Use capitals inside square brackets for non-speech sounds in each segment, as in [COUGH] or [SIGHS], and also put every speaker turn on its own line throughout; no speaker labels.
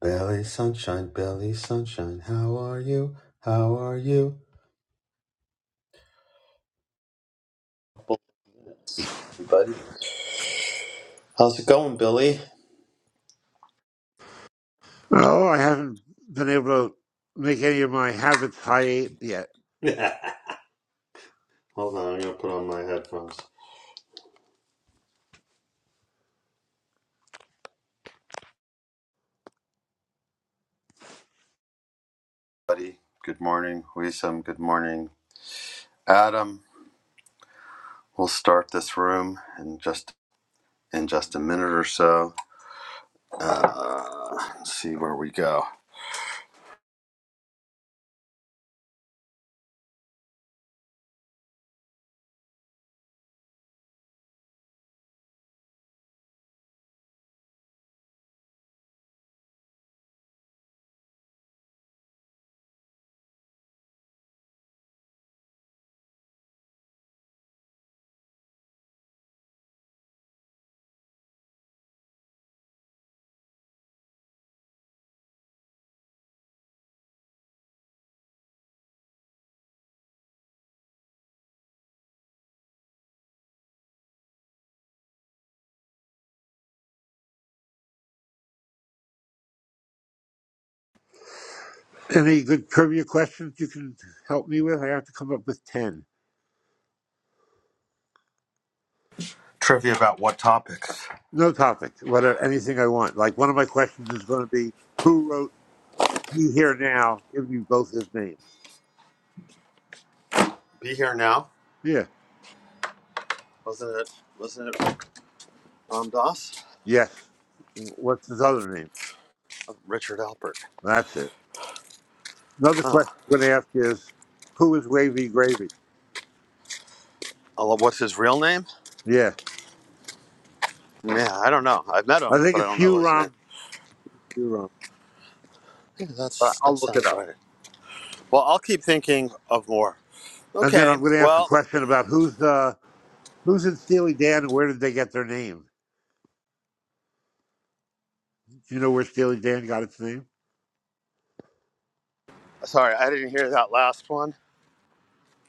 Belly sunshine, Billy sunshine, how are you? How are you? Buddy. How's it going, Billy?
Oh, I haven't been able to make any of my habits high yet.
[LAUGHS] Hold on, I'm gonna put on my headphones. Buddy, good morning. Wisam, good morning. Adam, we'll start this room in just in just a minute or so. Uh, let's see where we go.
Any good trivia questions you can help me with? I have to come up with 10.
Trivia about what topics?
No topic, whatever, anything I want. Like one of my questions is going to be who wrote Be Here Now? Give me both his names.
Be here now.
Yeah.
Wasn't it? Wasn't it Ram Dass?
Yes. What's his other name?
Richard Alpert.
That's it. Another
Oh,
question I'm going to ask is who is Wavy Gravy?
I love- what's his real name?
Yeah.
Yeah, I don't know. I've met
I
him,
think
but I
it's
don't know
Hugh
his name.
Romney. Hugh Romney.
Yeah,
But
that's that
I'll look it
sounds
up.
right. Well, I'll keep thinking of more.
And then
Okay.
I'm going to ask a
Well,
question about who's. Uh, Who's in Steely Dan and where did they get their name? Do you know where Steely Dan got its name?
sorry, I didn't hear that last one.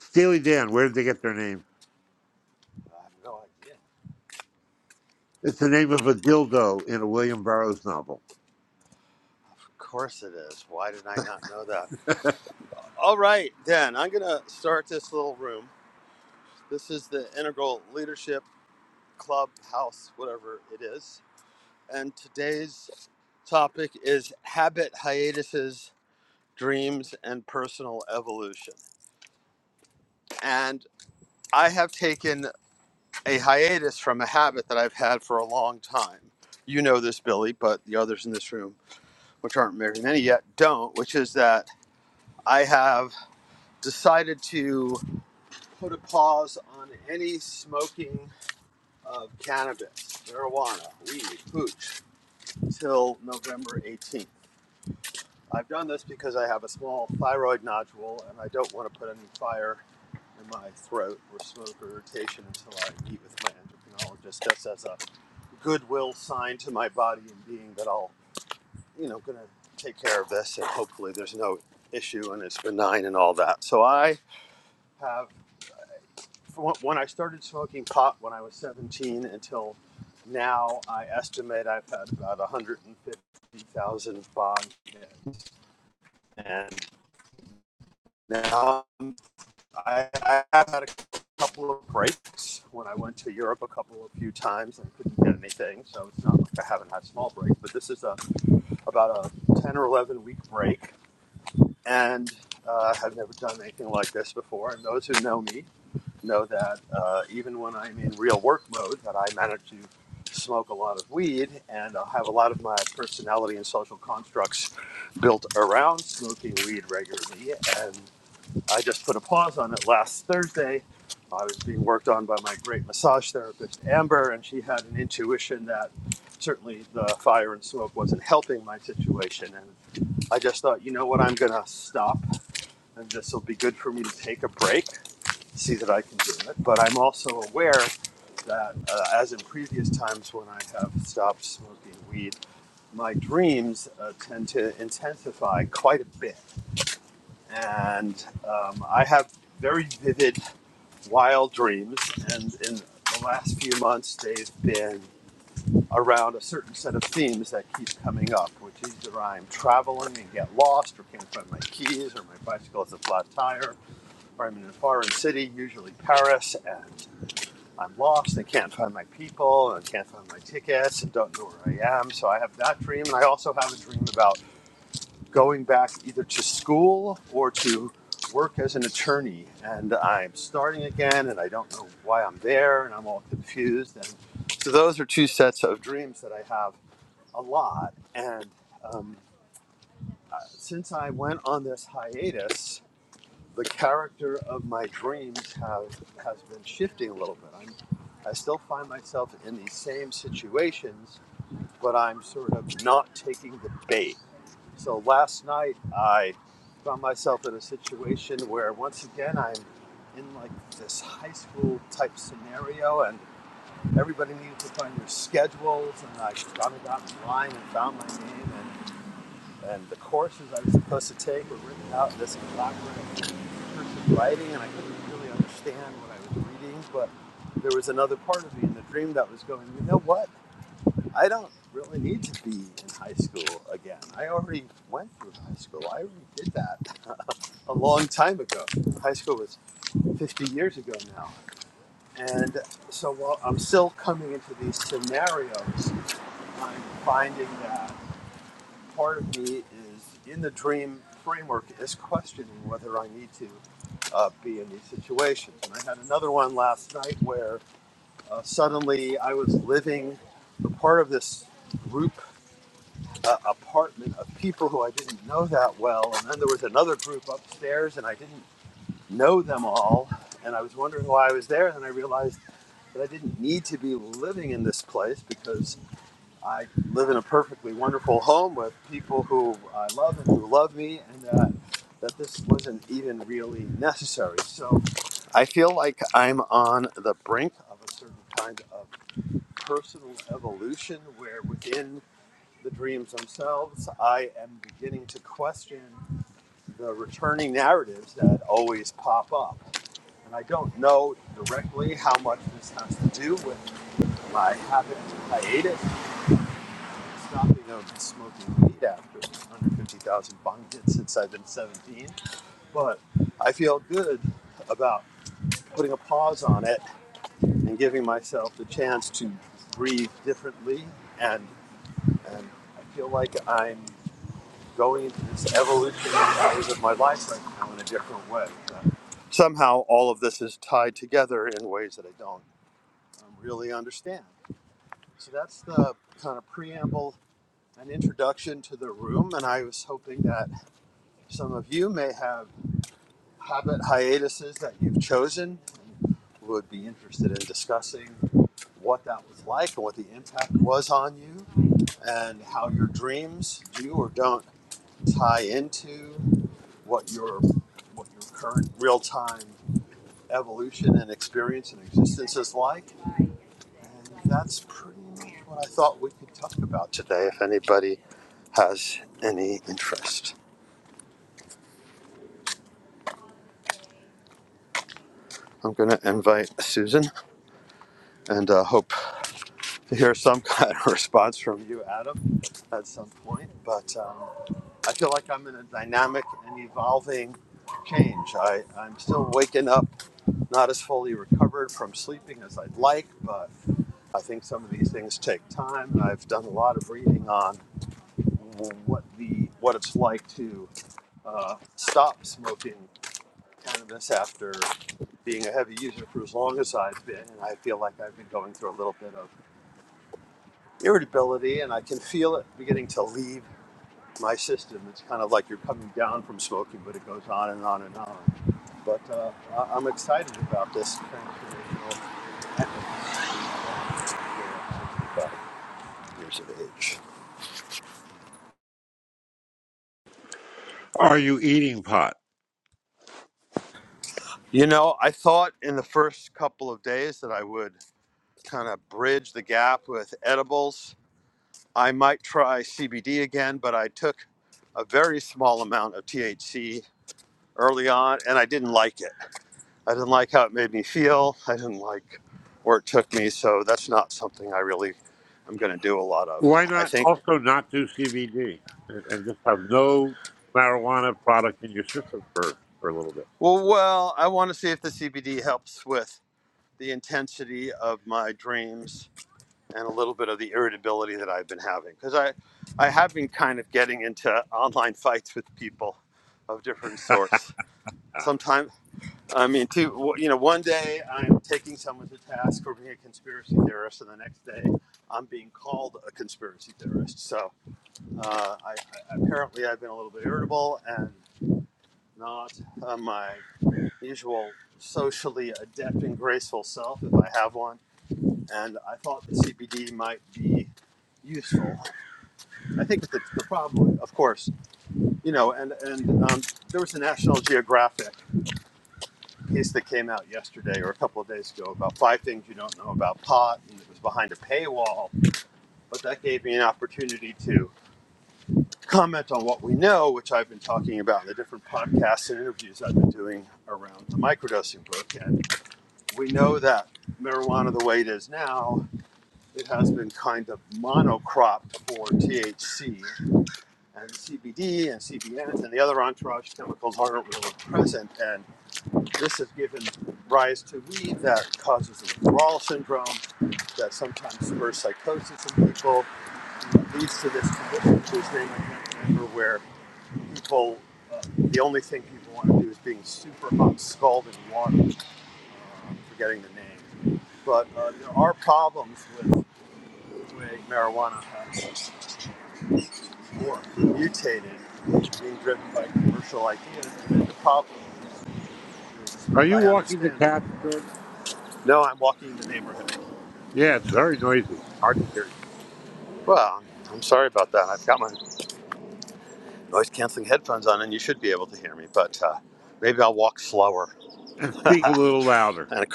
Steely Dan, where did they get their name?
I have no idea.
It's the name of a dildo in a William Burroughs novel.
Of course it is. Why did I not know that? All right, then I'm gonna start this little room. This is the Integral Leadership Club House, whatever it is. And today's topic is habit hiatuses, dreams, and personal evolution. And I have taken a hiatus from a habit that I've had for a long time. You know this, Billy, but the others in this room, which aren't married many yet, don't, which is that I have decided to put a pause on any smoking of cannabis, marijuana, weed, hooch, till November 18th. I've done this because I have a small thyroid nodule and I don't want to put any fire in my throat or smoke or irritation until I meet with my endocrinologist. Just as a goodwill sign to my body and being that I'll, you know, gonna take care of this and hopefully there's no issue and it's benign and all that. So I have, from when I started smoking pot when I was 17 until now, I estimate I've had about 150,000 bond hits. And now um, I, I have had a couple of breaks when I went to Europe a couple of few times and couldn't get anything. So it's not like I haven't had small breaks, but this is a about a 10 or 11 week break and uh, have never done anything like this before. And those who know me know that uh, even when I'm in real work mode, that I manage to smoke a lot of weed and I have a lot of my personality and social constructs built around smoking weed regularly. And I just put a pause on it last Thursday. I was being worked on by my great massage therapist, Amber, and she had an intuition that certainly the fire and smoke wasn't helping my situation. and I just thought, you know what, I'm going to stop, and this will be good for me to take a break, see that I can do it. But I'm also aware that, uh, as in previous times when I have stopped smoking weed, my dreams uh, tend to intensify quite a bit. And um, I have very vivid, wild dreams, and in the last few months, they've been around a certain set of themes that keep coming up, which is either I'm traveling and get lost, or can't find my keys, or my bicycle has a flat tire, or I'm in a foreign city, usually Paris, and I'm lost and can't find my people and can't find my tickets and don't know where I am. So I have that dream, and I also have a dream about going back either to school or to work as an attorney and I'm starting again and I don't know why I'm there and I'm all confused and so those are two sets of dreams that I have a lot. And um, uh, since I went on this hiatus, the character of my dreams have has been shifting a little bit. I'm, I still find myself in these same situations, but I'm sort of not taking the bait. So last living a part of this group uh, apartment of people who I didn't know that well, and then there was another group upstairs, and I didn't know them all, and I was wondering why I was there, and then I realized But I didn't need to be living in this place because I live in a perfectly wonderful home with people who I love and who love me, and uh, that this wasn't even really necessary. So I feel like I'm on the brink. I feel good about putting a pause on it and giving myself the chance to breathe differently. And somehow all of this is tied together in ways that I don't um, really understand. So that's the kind of preamble an introduction to the room, and I was hoping that some of you may have habit hiatuses that you've chosen and how your dreams do or don't tie into evolution and experience and existence is like. And that's pretty much what I thought we could talk about today if anybody has any interest. I'm going to invite Susan and uh, hope to hear some [LAUGHS] kind of response from you, Adam. I feel like I'm in a dynamic and evolving change. I, I'm still waking up, not as fully recovered from sleeping as I'd like, but
Are you eating pot?
you know, I thought in the first couple of days that I would kind of bridge the gap with edibles. I might try CBD again, but I took a very small amount of THC early on and I didn't like it. I didn't like how it made me feel. I didn't like where it took me, so that's not something I really am going to do a lot of.
Why
I
not
think
also not do CBD and just have no marijuana product in your system for, for a little bit?
well, well, I want to see if the CBD helps with the intensity of my dreams and a little bit of the irritability that I've been having because I I have been kind of getting into online fights with people of different
[LAUGHS]
sorts. Sometimes I mean, two, you know, one day I'm taking someone to task for being a conspiracy theorist, and the next day I'm being called a conspiracy theorist. So uh, I, I, apparently I've been a little bit irritable and not uh, my usual socially adept and graceful self, if I have one and I thought the CBD might be useful. I think the, the problem, of course, you know, and and um, there was a National Geographic piece that came out yesterday or a couple of days ago about five things you don't know about pot, and it was behind a paywall. But that gave me an opportunity to comment on what we know, which I've been talking about in the different podcasts and interviews I've been doing around the microdosing book. And we know that marijuana, the way it is now, it has been kind of monocrop.
Are you walking the cats, Jordan? Yeah, it's very noisy. Hard to hear you.
noise canceling headphones on and you should be able to hear me, but uh, maybe I'll walk slower.
And speak a little louder.
And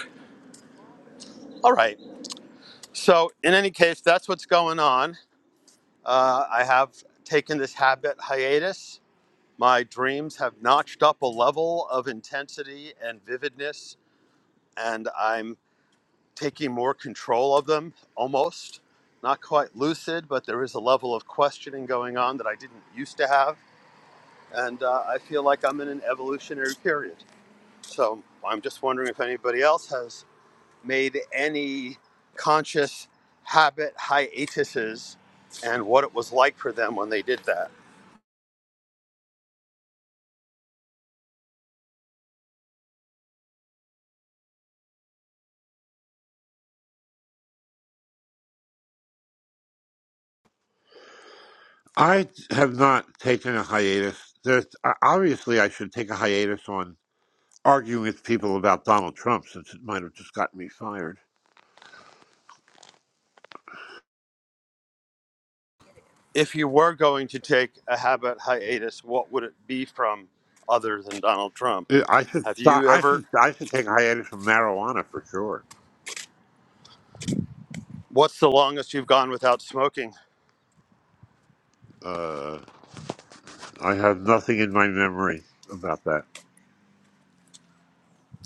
all right. So, in any case, that's what's going on. Uh, I have taken this habit hiatus. My dreams have notched up a level of intensity and vividness, and I'm taking more control of them almost. Not quite lucid, but there is a level of questioning going on that I didn't used to have. And uh, I feel like I'm in an evolutionary period. So I'm just wondering if anybody else has made any conscious habit hiatuses and what it was like for them when they did that.
I have not taken a hiatus. There's, uh, obviously, I should take a hiatus on arguing with people about Donald Trump since it might have just gotten me fired.
If you were going to take a habit hiatus, what would it be from other than Donald Trump?
Uh, I should
Have
stop.
you
I
ever,
should. I should take a hiatus from marijuana for sure.
what's the longest you've gone without smoking?
Uh, I have nothing in my memory about that.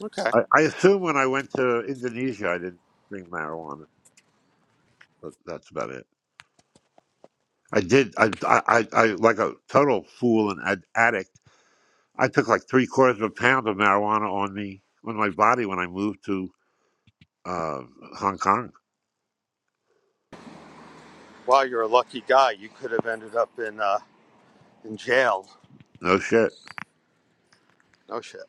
Okay.
I, I assume when I went to Indonesia, I didn't bring marijuana, but that's about it. I did. I. I. I, I like a total fool and ad- addict. I took like three quarters of a pound of marijuana on me on my body when I moved to uh, Hong Kong.
Wow, you're a lucky guy. You could have ended up in, uh, in jail.
No shit.
No shit.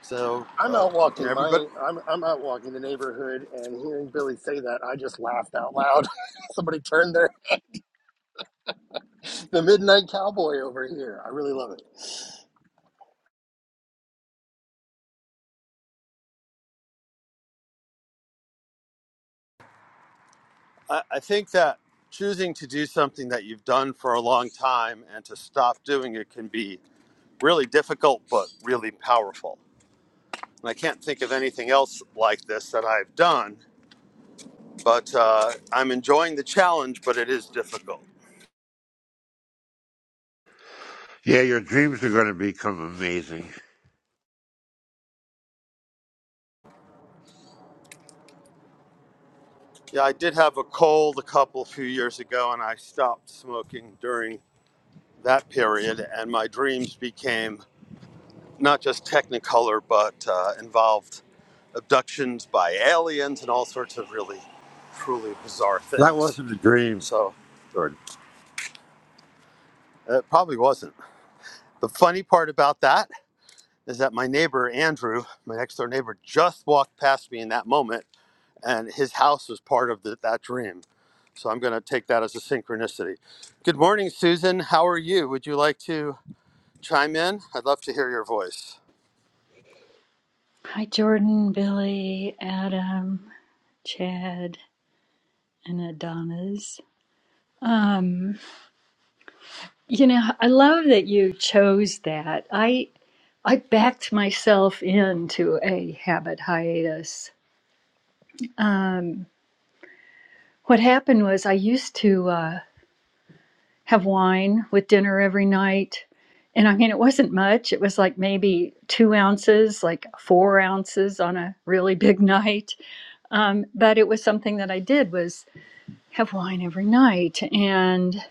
So,
I'm
uh,
out
you know,
walking
everybody,
my I'm I'm out walking the neighborhood and hearing Billy say that I just laughed out loud. [LAUGHS] Somebody turned their the midnight cowboy over here. I really love it.
I, I think that choosing to do something that you've done for a long time and to stop doing it can be really difficult but really powerful. And I can't think of anything else like this that I've done, but uh, I'm enjoying the challenge, but it is difficult.
Yeah, your dreams are going to become amazing.
Yeah, I did have a cold a couple few years ago, and I stopped smoking during that period, and my dreams became not just technicolor, but uh, involved abductions by aliens and all sorts of really, truly bizarre
That
things.
wasn't a dream,
So
Jordan.
it probably wasn't. The funny part about that is that my neighbor Andrew, my next door neighbor, just walked past me in that moment, and his house was part of the, that dream. So I'm going to take that as a synchronicity. Good morning, Susan. How are you? Would you like to chime in? I'd love to hear your voice.
Hi, Jordan, Billy, Adam, Chad, and Adonis. Um, you know, I love that you chose that. I I backed myself into a habit hiatus. Um, what happened was I used to uh, have wine with dinner every night, and I mean it wasn't much. It was like maybe two ounces, like four ounces on a really big [LAUGHS] night. Um, but it was something that I did was have wine every night and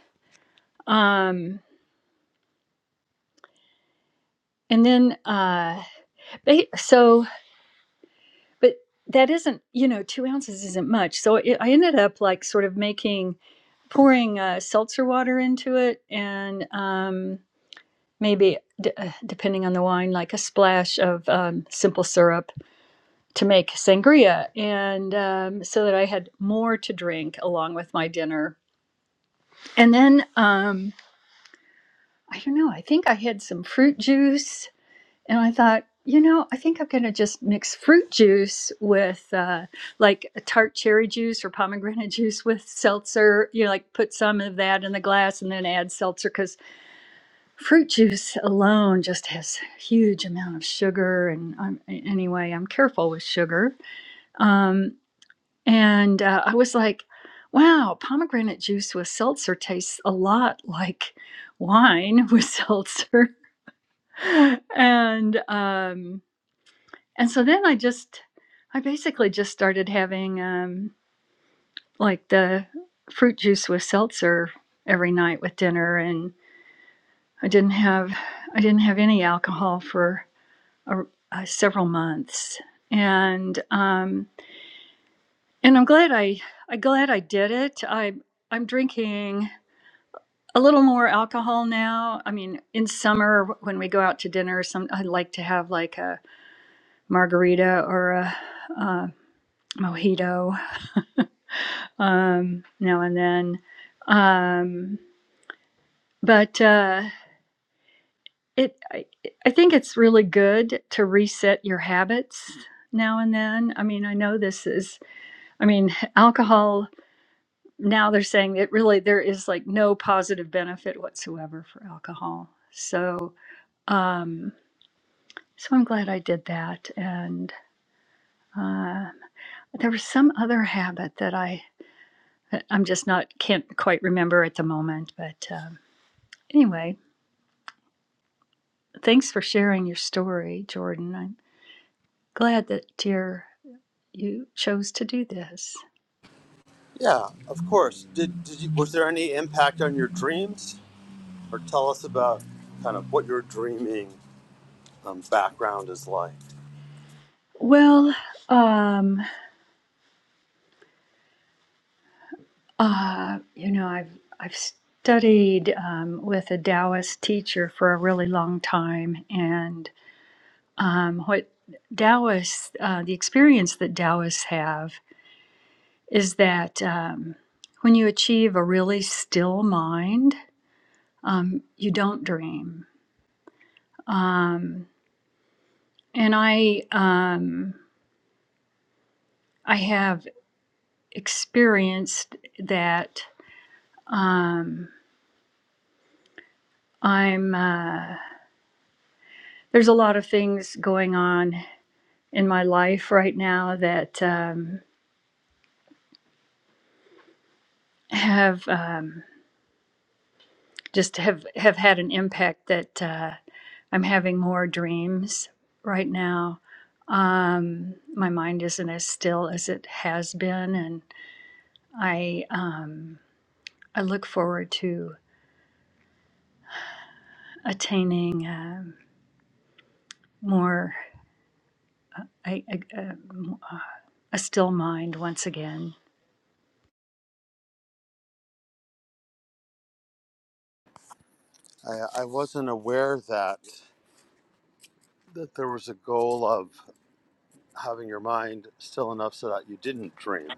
um and then uh so but that isn't you know two ounces isn't much so it, i ended up like sort of making pouring uh, seltzer water into it and um maybe d- uh, depending on the wine like a splash of um, simple syrup to make sangria and um, so that i had more to drink along with my dinner and then um i don't know i think i had some fruit juice And I thought, you know, I think I'm going to just mix fruit juice with uh, like a tart cherry juice or pomegranate [LAUGHS] juice with seltzer. You know, like put some of that in the glass and then add seltzer because fruit juice alone just has a huge amount of sugar. And I'm, anyway, I'm careful with sugar. Um, and uh, I was like, wow, pomegranate juice with seltzer tastes a lot like wine with [LAUGHS] seltzer. and, um, and so then I just, I basically just started having um, like the fruit juice with seltzer every night with dinner, and I didn't have, I didn't have any alcohol for a, uh, several months, and um, and I'm glad I, I'm glad I did it. I I'm drinking a little more alcohol now. I mean, in summer when we go out to dinner, some I like to have like a margarita or a, a mojito um, now and then. Um, but uh, it, I, I think it's really good to reset your habits now and then. I mean, I know this is, I mean, [LAUGHS] alcohol. Now they're saying it really there is like no positive benefit whatsoever for alcohol. So, um, so I'm glad I did that. And uh, there was some other habit that I I'm just not can't quite remember at the moment, but. Um, anyway Thanks for sharing your story, Jordan. I'm glad that dear you chose to do this.
Yeah, of course. Did, did you, was there any impact on your dreams, or tell us about kind of what your dreaming um, background is like?
Well, um, uh, you know, I've I've studied um, with a Taoist teacher for a really long time, and um, what Taoists, uh, the experience that Taoists have is that um, when you achieve a really still mind, um, you don't dream. Um, and I, um, I have experienced that um, I'm uh, there's a lot of things going on in my life right now that um, have um, just have have had an impact that uh, I'm having more dreams right now. Um, my mind isn't as still as it has been, and I um, I look forward to attaining um more I, I, uh, a still mind once again.
I, I wasn't aware that that there was a goal of having your mind still enough so that you didn't dream.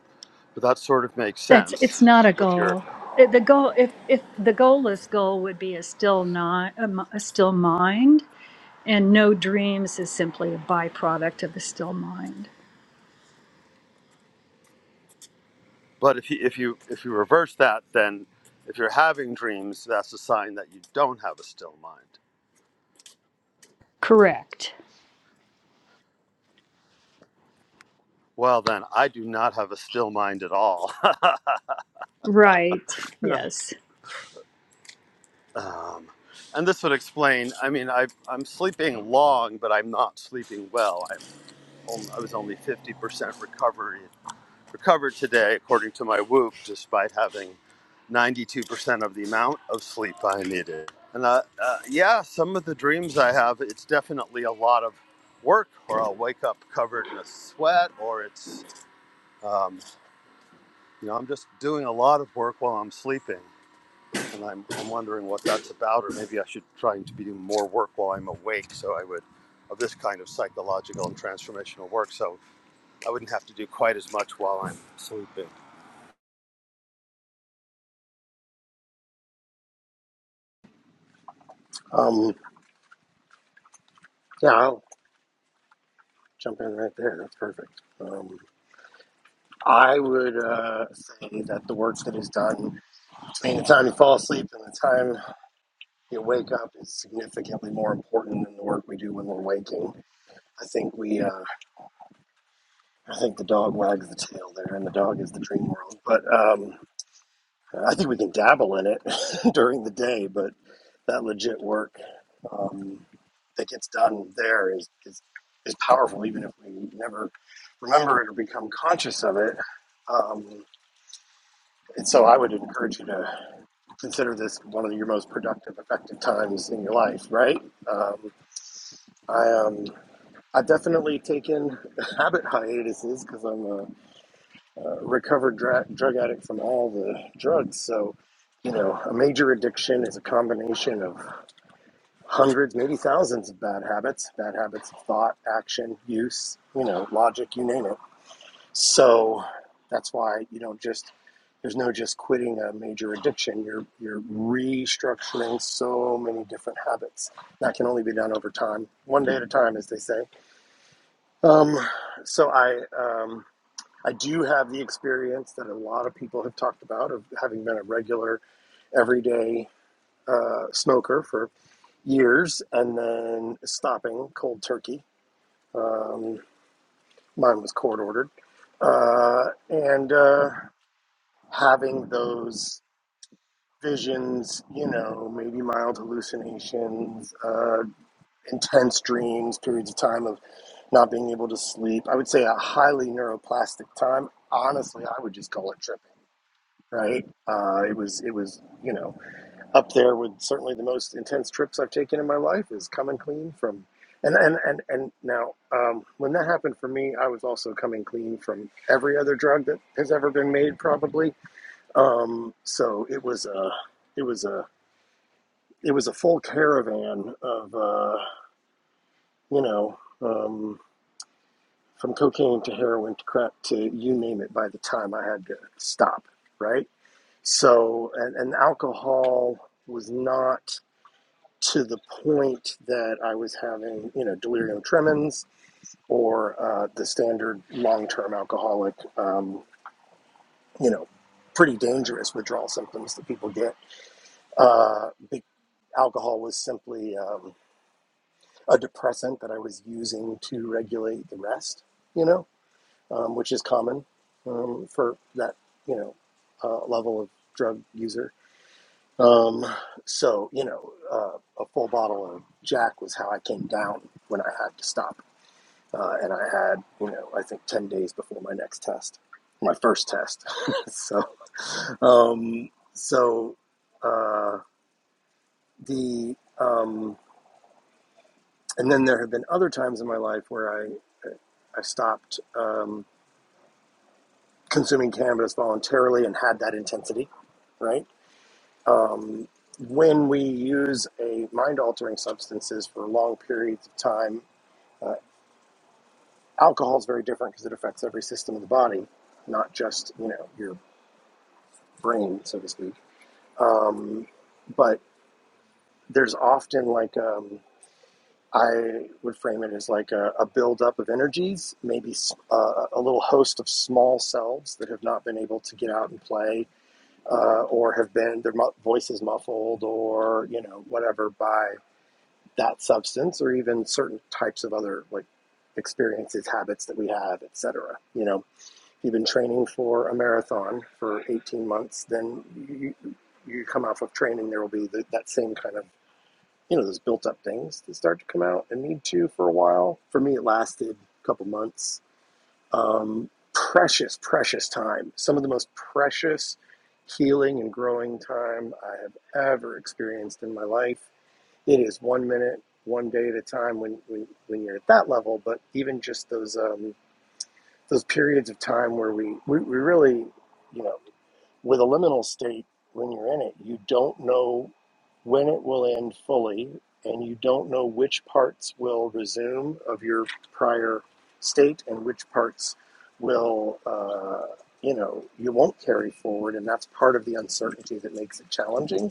But that sort of makes
That's
sense
it's not a
with your.
goal. It- The goal, if if the goalless goal would be a still not a, m- a still mind, and no dreams is simply a byproduct of a still mind.
But if you if you if you reverse that, then if you're having dreams, that's a sign that you don't have a still mind.
Correct.
Well, then I do not have a still mind at all. [LAUGHS]
Right. Yes.
um, and this would explain. I mean, I I'm sleeping long, but I'm not sleeping well. I'm only, I was only fifty percent recovery recovered today, according to my Whoop, despite having 92% of the amount of sleep I needed. And uh, uh, yeah, some of the dreams I have, it's definitely a lot of work, or I'll wake up covered in a sweat, or it's, um, you know, I'm just doing a lot of work while I'm sleeping. And I'm, I'm wondering what that's about, or maybe I should try to be doing more work while I'm awake. So I would, of this kind of psychological and transformational work. So I wouldn't have to do quite as much while I'm sleeping.
Um, yeah, I'll jump in right there. That's perfect. Um, I would uh, say that the work that is done between the time you fall asleep and the time you wake up is significantly more important than the work we do when we're waking. I think we, uh, I think the dog wags the tail there, and the dog is the dream world. But um, I think we can dabble in it [LAUGHS] during the day, but that legit work um, that gets done there is, is is powerful, even if we never remember it or become conscious of it. Um, and so, I would encourage you to consider this one of your most productive, effective times in your life. Right? Um, I um, I've definitely taken [LAUGHS] habit hiatuses because I'm a uh, recovered dra- drug addict from all the drugs. So, you know, a major addiction is a combination of hundreds, maybe thousands of bad habits, bad habits of thought, action, use, you know, logic, you name it. So that's why you don't just there's no just quitting a major addiction. You're you're restructuring so many different habits. That can only be done over time, one day at a time, as they say. Um, so I um, I do have the experience that a lot of people have talked about of having been a regular, everyday uh, smoker for years and then stopping cold turkey. Um, mine was court ordered. Uh, and uh, having those visions, you know, maybe mild hallucinations, uh, intense dreams, periods of time of not being able to sleep. I would say a highly neuroplastic time. Honestly, I would just call it tripping right? Uh, it was it was you know up there with certainly the most intense trips I've taken in my life is coming clean from, and and and and now um, when that happened for me, I was also coming clean from every other drug that has ever been made, probably. Um, so it was a it was a it was a full caravan of uh, you know. Um, from cocaine to heroin to crack to you name it by the time I had to stop, right? So, and, and alcohol was not to the point that I was having, you know, delirium tremens or uh, the standard long term alcoholic, um, you know, pretty dangerous withdrawal symptoms that people get. Uh, be- alcohol was simply um, a depressant that I was using to regulate the rest, you know, um, which is common um, for that, you know, uh, level of drug user Um, so, you know, uh, a full bottle of Jack was how I came down when I had to stop. Uh, and I had, you know, I think 10 days before my next test, my first test. [LAUGHS] so, um, so, uh, the, um, and then there have been other times in my life where I, I stopped, um, consuming cannabis voluntarily and had that intensity, right? Um, when we use a mind altering substances for long periods of time Uh, alcohol is very different because it affects every system of the body, not just you know your brain, so to speak. Um, but there's often like um, I would frame it as like a, a buildup of energies, maybe uh, a little host of small selves that have not been able to get out and play, uh, or have been their mu- voices muffled, or you know whatever by that substance, or even certain types of other like experiences, habits that we have, etc. You know, If you've been training for a marathon for 18 months, then you, you come off of training, there will be the, that same kind of, you know, those built up things that start to come out and need to for a while. For me, it lasted a couple months. Um, precious, precious time. Some of the most precious healing and growing time I have ever experienced in my life. It is one minute, one day at a time when, when, when you're at that level, but even just those. Um, those periods of time where we, we, we really, you know, with a liminal state, when you're in it, you don't know when it will end fully, and you don't know which parts will resume of your prior state and which parts will, uh, you know, you won't carry forward. And that's part of the uncertainty that makes it challenging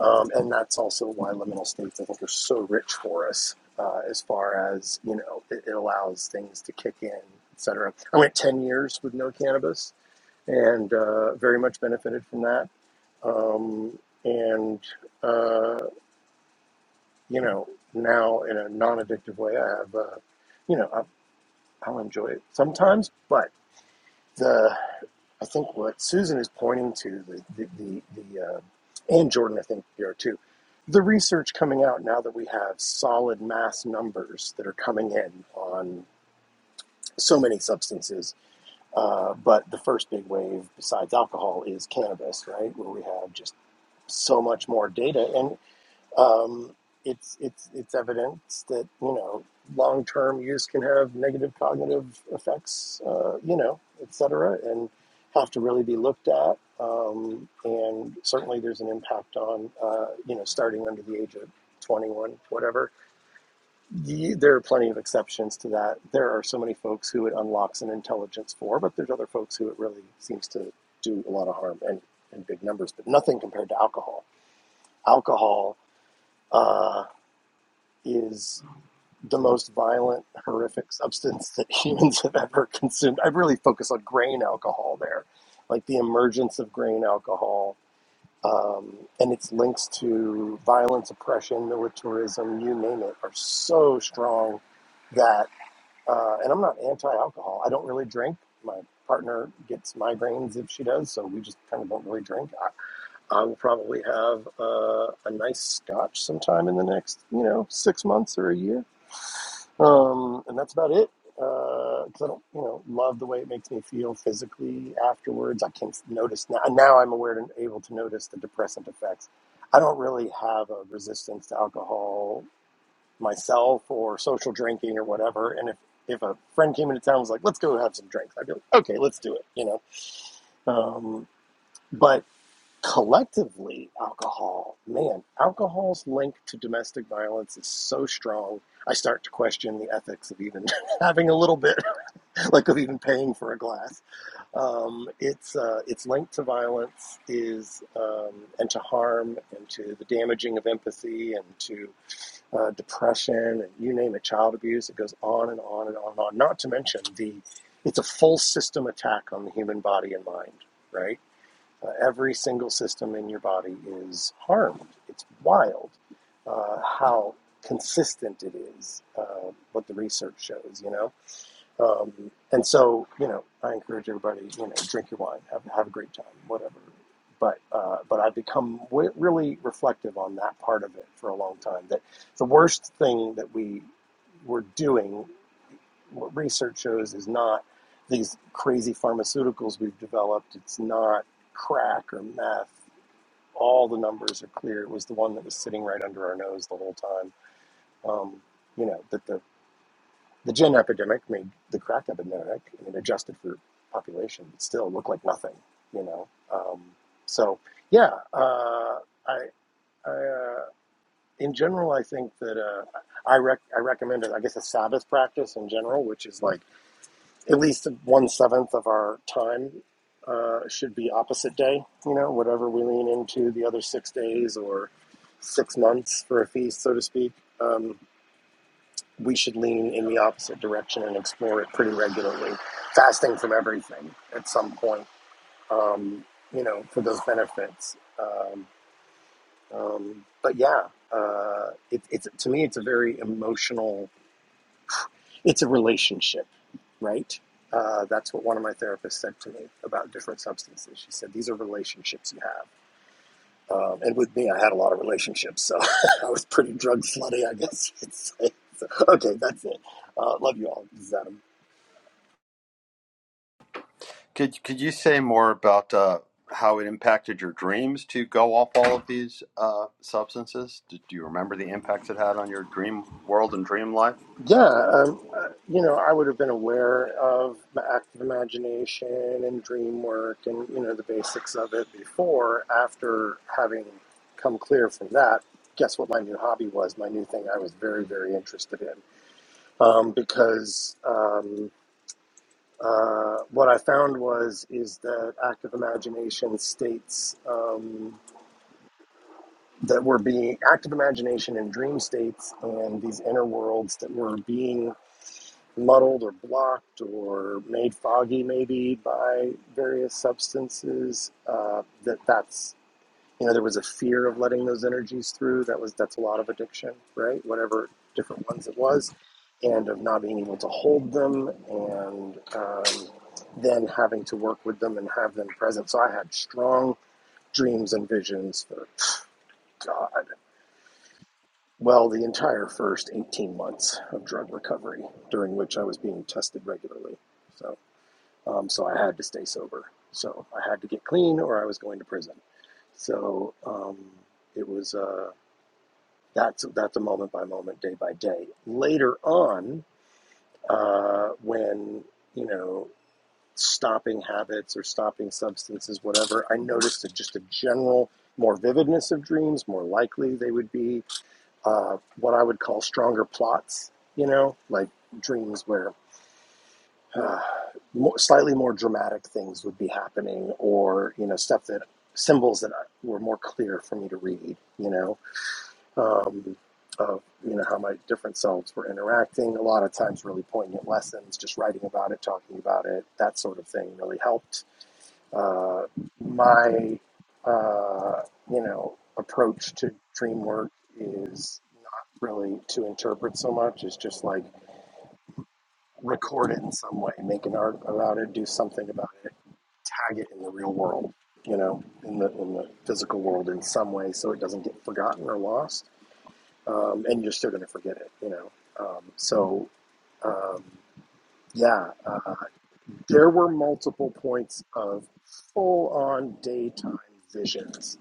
um, and that's also why liminal states, I think, are so rich for us uh, as far as, you know, it, it allows things to kick in, et cetera. I went 10 years with no cannabis and uh, very much benefited from that. Um, and, uh, you know, now in a non addictive way, I have, uh, you know, I, I'll enjoy it sometimes, but. the I think what Susan is pointing to the the the, the uh, and Jordan I think they are too, the research coming out now that we have solid mass numbers that are coming in on so many substances. Uh, but the first big wave besides alcohol is cannabis, right? Where we have just so much more data, and um, it's it's it's evidence that you know long term use can have negative cognitive effects, uh, you know, et cetera, and have to really be looked at. Um, and certainly, there's an impact on uh, you know starting under the age of 21, whatever. Ye- There are plenty of exceptions to that. There are so many folks who it unlocks an intelligence for, but there's other folks who it really seems to do a lot of harm and in big numbers, but nothing compared to alcohol. Alcohol. uh, is the most violent, horrific substance that [LAUGHS] humans have ever consumed. I really focus on grain alcohol there, like the emergence of grain alcohol um, and its links to violence, oppression, militarism, you name it, are so strong that, uh, and I'm not anti alcohol. I don't really drink. My partner gets migraines if she does, so we just kind of don't really drink. I, I will probably have uh, a nice scotch sometime in the next, you know, six months or a year um, and that's about it. Because I don't, you know, love the way it makes me feel physically afterwards. I can notice now. Now I'm aware and able to notice the depressant effects. I don't really have a resistance to alcohol myself or social drinking or whatever. And if if a friend came into town and was like, "Let's go have some drinks," I'd be like, "Okay, let's do it," you know. Um, but collectively alcohol man alcohol's link to domestic violence is so strong i start to question the ethics of even [LAUGHS] having a little bit [LAUGHS] like of even paying for a glass um, it's uh, it's linked to violence is um, and to harm and to the damaging of empathy and to uh, depression and you name it child abuse it goes on and on and on and on not to mention the it's a full system attack on the human body and mind right uh, every single system in your body is harmed. It's wild uh, how consistent it is, uh, what the research shows, you know? Um, and so, you know, I encourage everybody, you know, drink your wine, have, have a great time, whatever. But, uh, but I've become w- really reflective on that part of it for a long time. That the worst thing that we were doing what research shows is not these crazy pharmaceuticals we've developed. It's not crack or meth. All the numbers are clear. It was the one that was sitting right under our nose the whole time. Um, you know that the the gin epidemic made the crack epidemic. I mean, adjusted for population, it still looked like nothing. You know, um, so yeah, uh, I. I, uh, in general, I think that uh, I rec- I recommend it. I guess a Sabbath practice in general, which is like at least one seventh of our time uh, should be opposite day. You know, whatever we lean into the other six days or six months for a feast, so to speak, um, we should lean in the opposite direction and explore it pretty regularly, fasting from everything at some point. Um, you know, for those benefits. Um, um, but yeah, uh, it, it's to me, it's a very emotional It's a relationship, right? Uh, that's what one of my therapists said to me about different substances. She said, These are relationships you have. Um, and with me, I had a lot of relationships, so [LAUGHS] I was pretty drug slutty, I guess you'd say. So, okay, that's it. Uh, love you all. This is Adam.
Could could you say more about uh, how it impacted your dreams to go off all of these uh, substances? Do, do you remember the impacts it had on your dream world and dream life?
Yeah, um, uh, you know, I would have been aware of the active imagination and dream work and, you know, the basics of it before. After having come clear from that, guess what my new hobby was, my new thing I was very, very interested in. Um, because um, uh, what I found was is that active imagination states um, that we're being active imagination and dream states and these inner worlds that we're being muddled or blocked or made foggy maybe by various substances uh, that that's you know there was a fear of letting those energies through that was that's a lot of addiction right whatever different ones it was and of not being able to hold them and um, then having to work with them and have them present so i had strong dreams and visions for god well the entire first 18 months of drug recovery during which i was being tested regularly so Um, so I had to stay sober. So I had to get clean, or I was going to prison. So um, it was uh, that's that's a moment by moment, day by day. Later on, uh, when you know stopping habits or stopping substances, whatever, I noticed a, just a general more vividness of dreams. More likely they would be uh, what I would call stronger plots. You know, like dreams where [SIGHS] uh, more, slightly more dramatic things would be happening, or you know, stuff that symbols that I, were more clear for me to read. You know, um, of you know how my different selves were interacting. A lot of times, really poignant lessons. Just writing about it, talking about it, that sort of thing really helped. Uh, my uh, you know approach to dream work is really to interpret so much is just like record it in some way, make an art about it, do something about it tag it in the real world, you know, in the in the physical world in some way, so it doesn't get forgotten or lost. Um, and you're still going to forget it, you know. Um, so um, yeah, uh, there were multiple points of full on daytime visions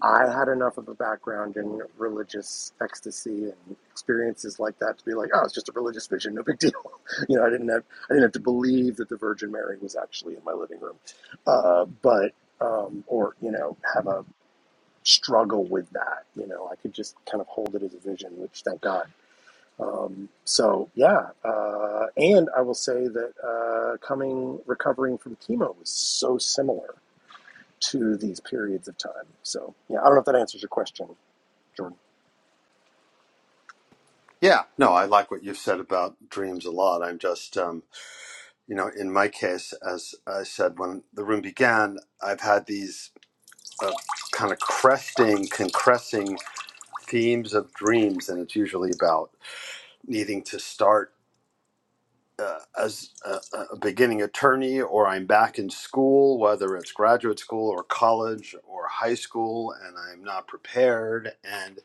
I had enough of a background in religious ecstasy and experiences like that to be like, oh, it's just a religious vision, no big deal. [LAUGHS] you know, I didn't have I didn't have to believe that the Virgin Mary was actually in my living room, uh, but um, or you know, have a struggle with that. You know, I could just kind of hold it as a vision, which thank God. Um, so yeah, uh, and I will say that uh, coming recovering from chemo was so similar to these periods of time. So yeah, I don't know if that answers your question, Jordan.
Yeah, no, I like what you've said about dreams a lot. I'm just, um, you know, in my case, as I said when the room began, I've had these uh, kind of cresting, concressing themes of dreams, and it's usually about needing to start. uh, as a, a a beginning attorney or I'm back in school, whether it's graduate school or college or high school, and I'm not prepared. And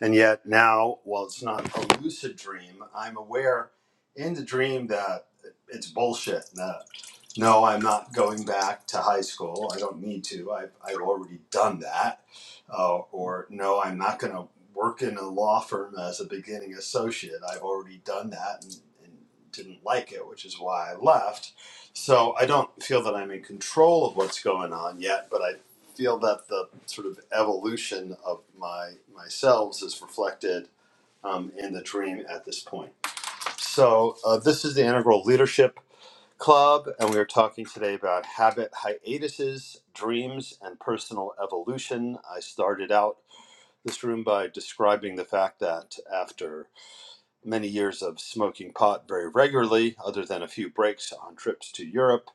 and yet now, while it's not a lucid dream, I'm aware in the dream that it's bullshit. That no, I'm not going back to high school. I don't need to. I've, I've already done that uh, or no, I'm not going to work in a law firm as a beginning associate. I've already done that and, and didn't like it, which is why I left. So I don't feel that I'm in control of what's going on yet, but I feel that the sort of evolution of my myself is reflected um, in the dream at this point. So uh, this is the Integral Leadership Club, and we are talking today about habit hiatuses, dreams, and personal evolution. I started out this room by describing the fact that after many years of smoking pot very regularly, other than a few breaks on trips to Europe,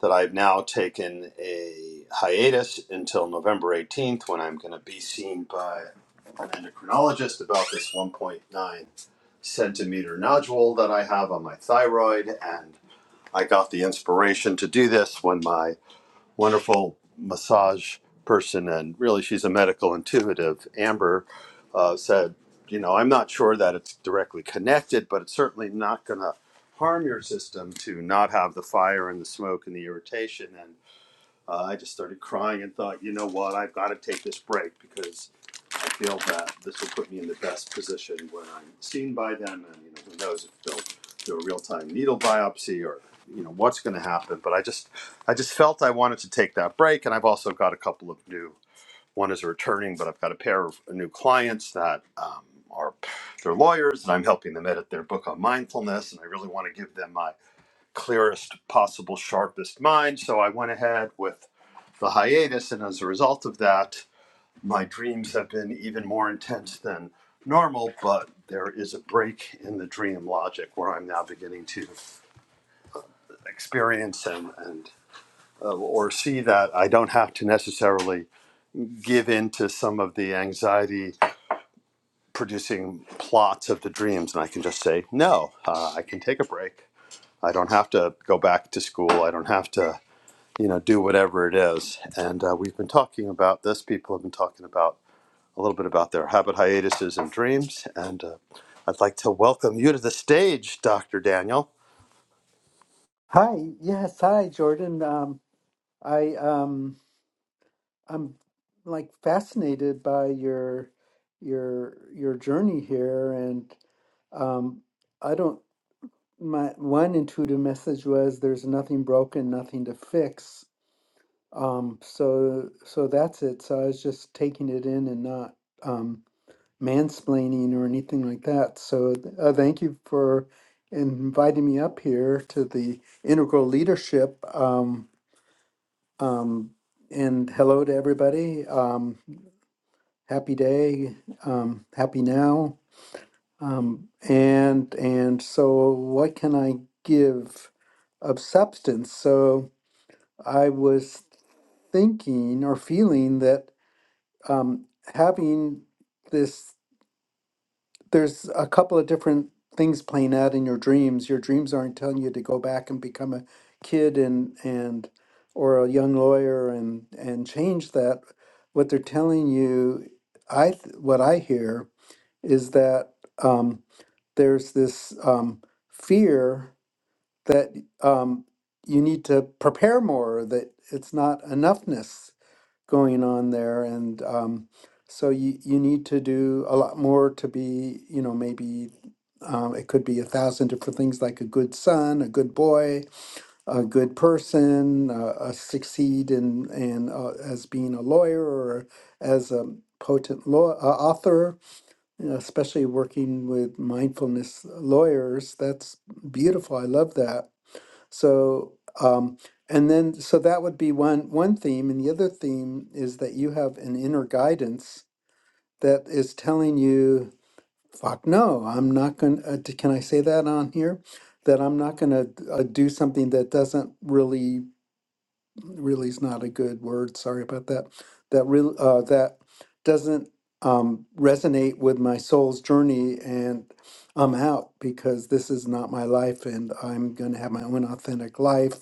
that I've now taken a hiatus until November 18th when I'm going to be seen by an endocrinologist about this 1.9 centimeter nodule that I have on my thyroid. And I got the inspiration to do this when my wonderful massage person, and really she's a medical intuitive. Amber uh, said, You know, I'm not sure that it's directly connected, but it's certainly not going to harm your system to not have the fire and the smoke and the irritation. And uh, I just started crying and thought, You know what? I've got to take this break because I feel that this will put me in the best position when I'm seen by them, and you know, who knows if they'll do a real-time needle biopsy or you know what's going to happen. But I just, I just felt I wanted to take that break, and I've also got a couple of new. One is a returning, but I've got a pair of new clients that um, are they're lawyers, and I'm helping them edit their book on mindfulness, and I really want to give them my clearest possible, sharpest mind. So I went ahead with the hiatus, and as a result of that. My dreams have been even more intense than normal, but there is a break in the dream logic where I'm now beginning to experience and, and uh, or see that I don't have to necessarily give in to some of the anxiety producing plots of the dreams. And I can just say, no, uh, I can take a break. I don't have to go back to school. I don't have to, you know, do whatever it is. And uh, we've been talking about this. People have been talking about a little bit about their habit hiatuses and dreams. And uh, I'd like to welcome you to the stage, Dr. Daniel.
Hi, yes, hi, Jordan. Um, I um, I'm like fascinated by your your your journey here, and um, I don't. My one intuitive message was there's nothing broken, nothing to fix. Um, so so that's it. So I was just taking it in and not um, mansplaining or anything like that. So uh, thank you for inviting me up here to the Integral Leadership. Um, Um, and hello to everybody. Um, happy day. Um, happy now. Um, and and so, what can I give of substance? So I was thinking or feeling that um, having this. there's a couple of different things playing out in your dreams. Your dreams aren't telling you to go back and become a kid and and or a young lawyer and and change that. What they're telling you, I th- what I hear is that um, there's this um, fear that um, you need to prepare more. That it's not enoughness going on there and um, so you, you need to do a lot more to be you know maybe um, it could be a thousand different things like a good son a good boy a good person uh, a succeed in in uh, as being a lawyer or as a potent law uh, author you know, especially working with mindfulness lawyers that's beautiful i love that so, um, and then so that would be one one theme, and the other theme is that you have an inner guidance that is telling you, "Fuck no, I'm not going. Uh, d- can I say that on here? That I'm not going to uh, do something that doesn't really, really is not a good word. Sorry about that. That real uh, that doesn't um, resonate with my soul's journey and." I'm out because this is not my life, and I'm going to have my own authentic life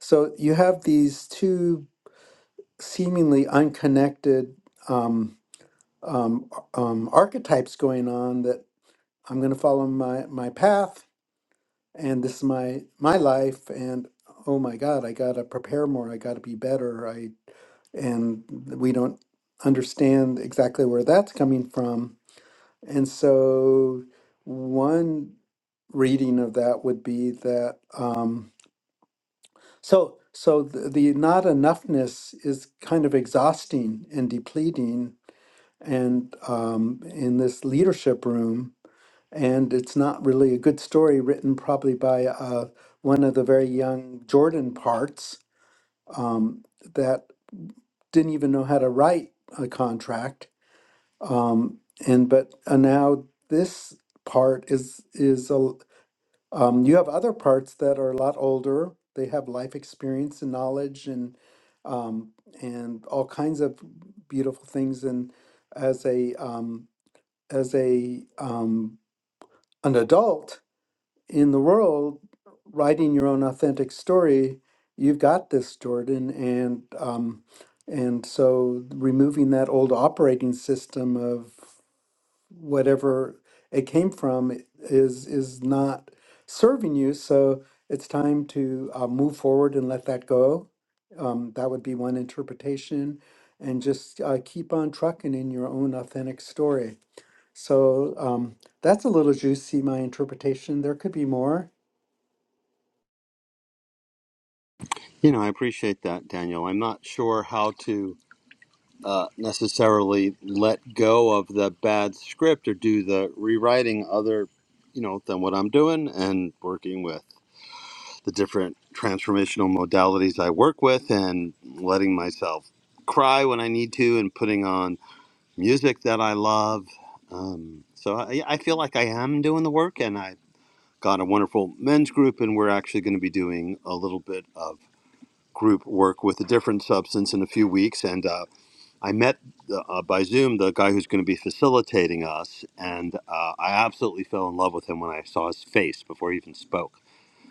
so you have these two seemingly unconnected um, um, um, archetypes going on that I'm going to follow my, my path and this is my my life and oh my god I got to prepare more I got to be better I and we don't understand exactly where that's coming from and so one reading of that would be that Um, So, so the, the not enoughness is kind of exhausting and depleting, and um, in this leadership room, and it's not really a good story written probably by uh, one of the very young Jordan parts um, that didn't even know how to write a contract. Um, and but uh, now this part is is a, um, you have other parts that are a lot older. They have life experience and knowledge and um, and all kinds of beautiful things. And as a um, as a um, an adult in the world, writing your own authentic story, you've got this, Jordan. And um, and so removing that old operating system of whatever it came from is is not serving you. So it's time to uh, move forward and let that go. Um, that would be one interpretation, and just uh, keep on trucking in your own authentic story. So um, that's a little juicy. My interpretation. There could be more.
You know, I appreciate that, Daniel. I'm not sure how to uh, necessarily let go of the bad script or do the rewriting other, you know, than what I'm doing and working with the different transformational modalities I work with and letting myself cry when I need to and putting on music that I love. Um, so I, yeah, I feel like I am doing the work, and I've got a wonderful men's group, and we're actually going to be doing a little bit of group work with a different substance in a few weeks. And uh, I met uh, by Zoom the guy who's going to be facilitating us, and uh, I absolutely fell in love with him when I saw his face before he even spoke.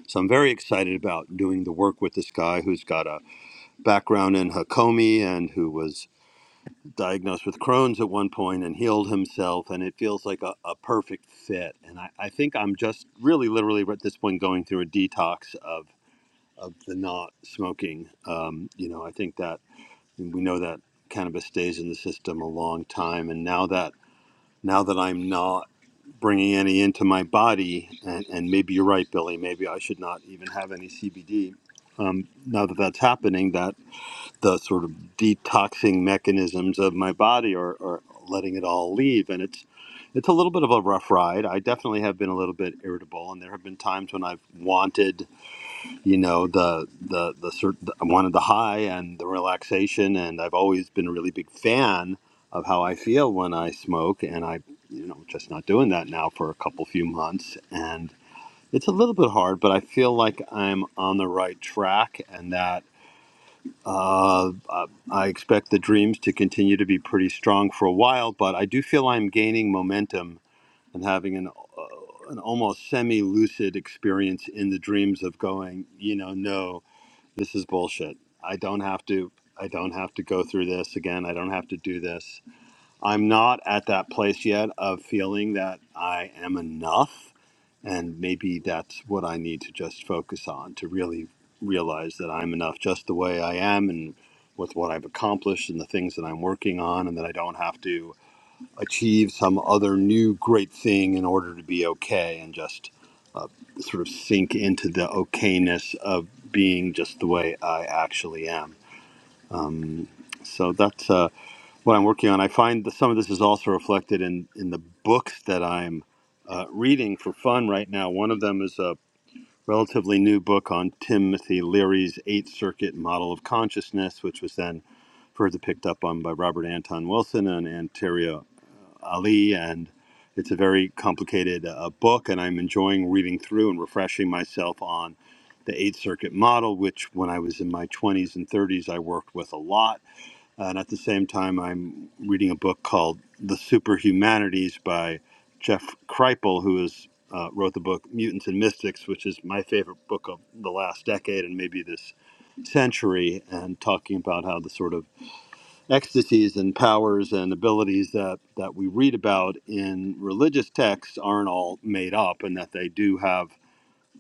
So I'm very excited about doing the work with this guy who's got a background in Hakomi and who was diagnosed with Crohn's at one point and healed himself, and it feels like a, a perfect fit. And I, I think I'm just really, literally at this point going through a detox of of the not smoking. Um, you know, I think that we know that cannabis stays in the system a long time, and now that now that I'm not bringing any into my body, and, and maybe you're right, Billy. Maybe I should not even have any CBD. Um, now that that's happening, That the sort of detoxing mechanisms of my body are are letting it all leave. And it's it's a little bit of a rough ride. I definitely have been a little bit irritable, and there have been times when I've wanted, you know, the the the cert- I wanted the high and the relaxation, and I've always been a really big fan of how I feel when I smoke, and I, you know, just not doing that now for a couple few months, and it's a little bit hard, but I feel like I'm on the right track, and that uh, I expect the dreams to continue to be pretty strong for a while, but I do feel I'm gaining momentum and having an uh, an almost semi lucid experience in the dreams of going, you know, no, this is bullshit. I don't have to. I don't have to go through this again. I don't have to do this. I'm not at that place yet of feeling that I am enough. And maybe that's what I need to just focus on to really realize that I'm enough just the way I am and with what I've accomplished and the things that I'm working on, and that I don't have to achieve some other new great thing in order to be okay and just uh, sort of sink into the okayness of being just the way I actually am. Um, so that's. uh, what I'm working on. I find that some of this is also reflected in in the books that I'm uh, reading for fun right now. One of them is a relatively new book on Timothy Leary's Eight Circuit Model of Consciousness, which was then further picked up on by Robert Anton Wilson and Antaria Ali, and it's a very complicated uh, book, and I'm enjoying reading through and refreshing myself on the Eight Circuit model, which when I was in my 20s and 30s, I worked with a lot and at the same time, I'm reading a book called The Superhumanities by Jeff Kripal, who is, uh, wrote the book Mutants and Mystics, which is my favorite book of the last decade and maybe this century, and talking about how the sort of ecstasies and powers and abilities that, that we read about in religious texts aren't all made up and that they do have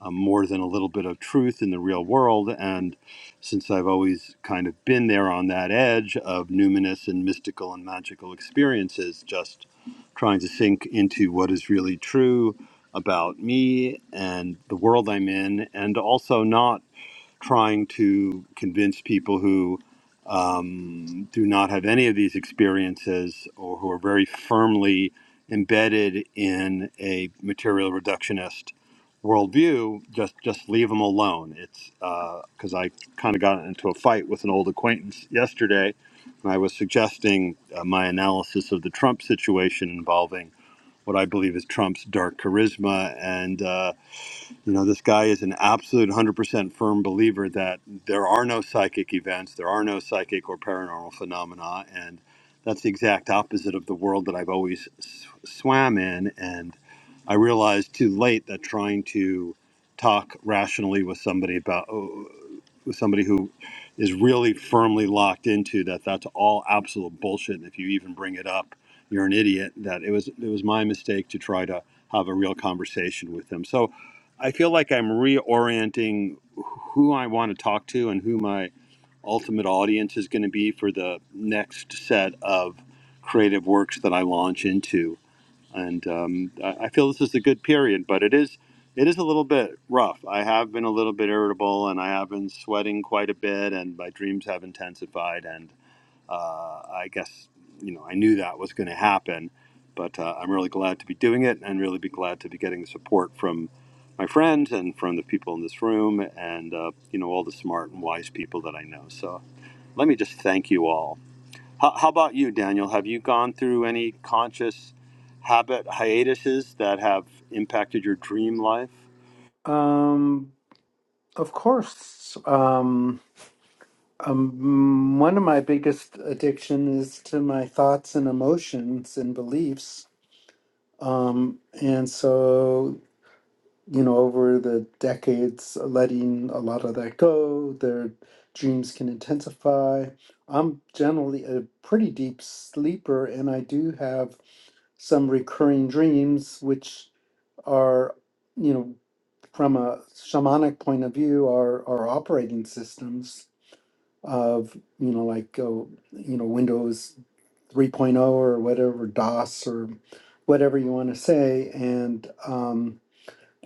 um, more than a little bit of truth in the real world. And since I've always kind of been there on that edge of numinous and mystical and magical experiences, just trying to sink into what is really true about me and the world I'm in, and also not trying to convince people who um, do not have any of these experiences or who are very firmly embedded in a material reductionist worldview, just just leave them alone. It's because I kind of got into a fight with an old acquaintance yesterday, and I was suggesting uh, my analysis of the Trump situation involving what I believe is Trump's dark charisma and. Uh, you know, this guy is an absolute 100% firm believer that there are no psychic events, there are no psychic or paranormal phenomena, and that's the exact opposite of the world that I've always s- swam in. and. I realized too late that trying to talk rationally with somebody about uh, with somebody who is really firmly locked into that that's all absolute bullshit and if you even bring it up you're an idiot that it was it was my mistake to try to have a real conversation with them so i feel like i'm reorienting who i want to talk to and who my ultimate audience is going to be for the next set of creative works that i launch into and um, I I feel this is a good period, but it is it is a little bit rough. I have been a little bit irritable, and I have been sweating quite a bit, and my dreams have intensified, and uh, I guess you know I knew that was going to happen, but uh, I'm really glad to be doing it, and really be glad to be getting the support from my friends and from the people in this room, and uh, you know all the smart and wise people that I know. So let me just thank you all. How, how about you, Daniel? Have you gone through any conscious habit hiatuses that have impacted your dream life?
Um, of course. Um, um, one of my biggest addiction is to my thoughts and emotions and beliefs Um, and so, you know, over the decades, letting a lot of that go, their dreams can intensify. I'm generally a pretty deep sleeper, and I do have some recurring dreams, which are, you know, from a shamanic point of view, are, are operating systems of, you know, like, oh, you know, Windows 3.0 or whatever, DOS or whatever you want to say. And, um,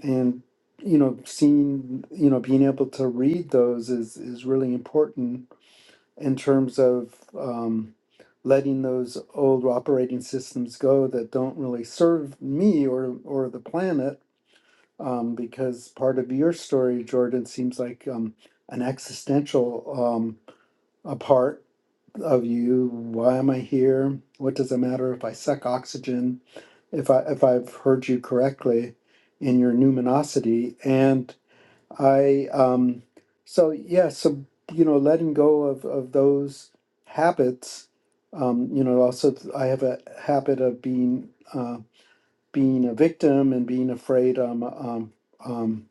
and you know seeing you know being able to read those is is really important in terms of um, letting those old operating systems go that don't really serve me or or the planet um, because part of your story jordan seems like um, an existential um, a part of you why am i here what does it matter if i suck oxygen if i if i've heard you correctly in your numinosity and I um so yeah, so you know, letting go of of those habits. Um, you know, also th- I have a habit of being uh, being a victim and being afraid I'm um, um,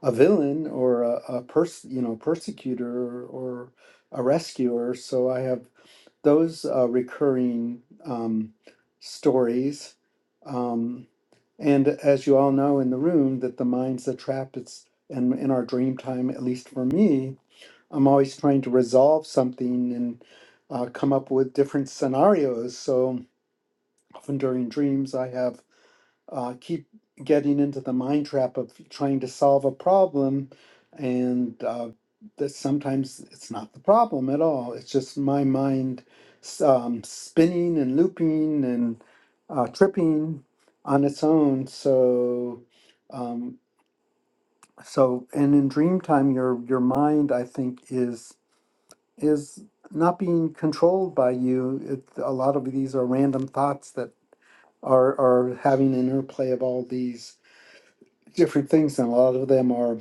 a villain or a, a person, you know, persecutor or a rescuer. So I have those uh, recurring um, stories. Um, and as you all know in the room, that the mind's a trap. It's and in our dream time, at least for me, I'm always trying to resolve something and uh, come up with different scenarios. So often during dreams, I have uh, keep getting into the mind trap of trying to solve a problem, and uh, that sometimes it's not the problem at all. It's just my mind s- um, spinning and looping and uh, tripping on its own. So, um, so and in dream time, your your mind, I think, is is not being controlled by you. It, a lot of these are random thoughts that are are having an interplay of all these different things, and a lot of them are,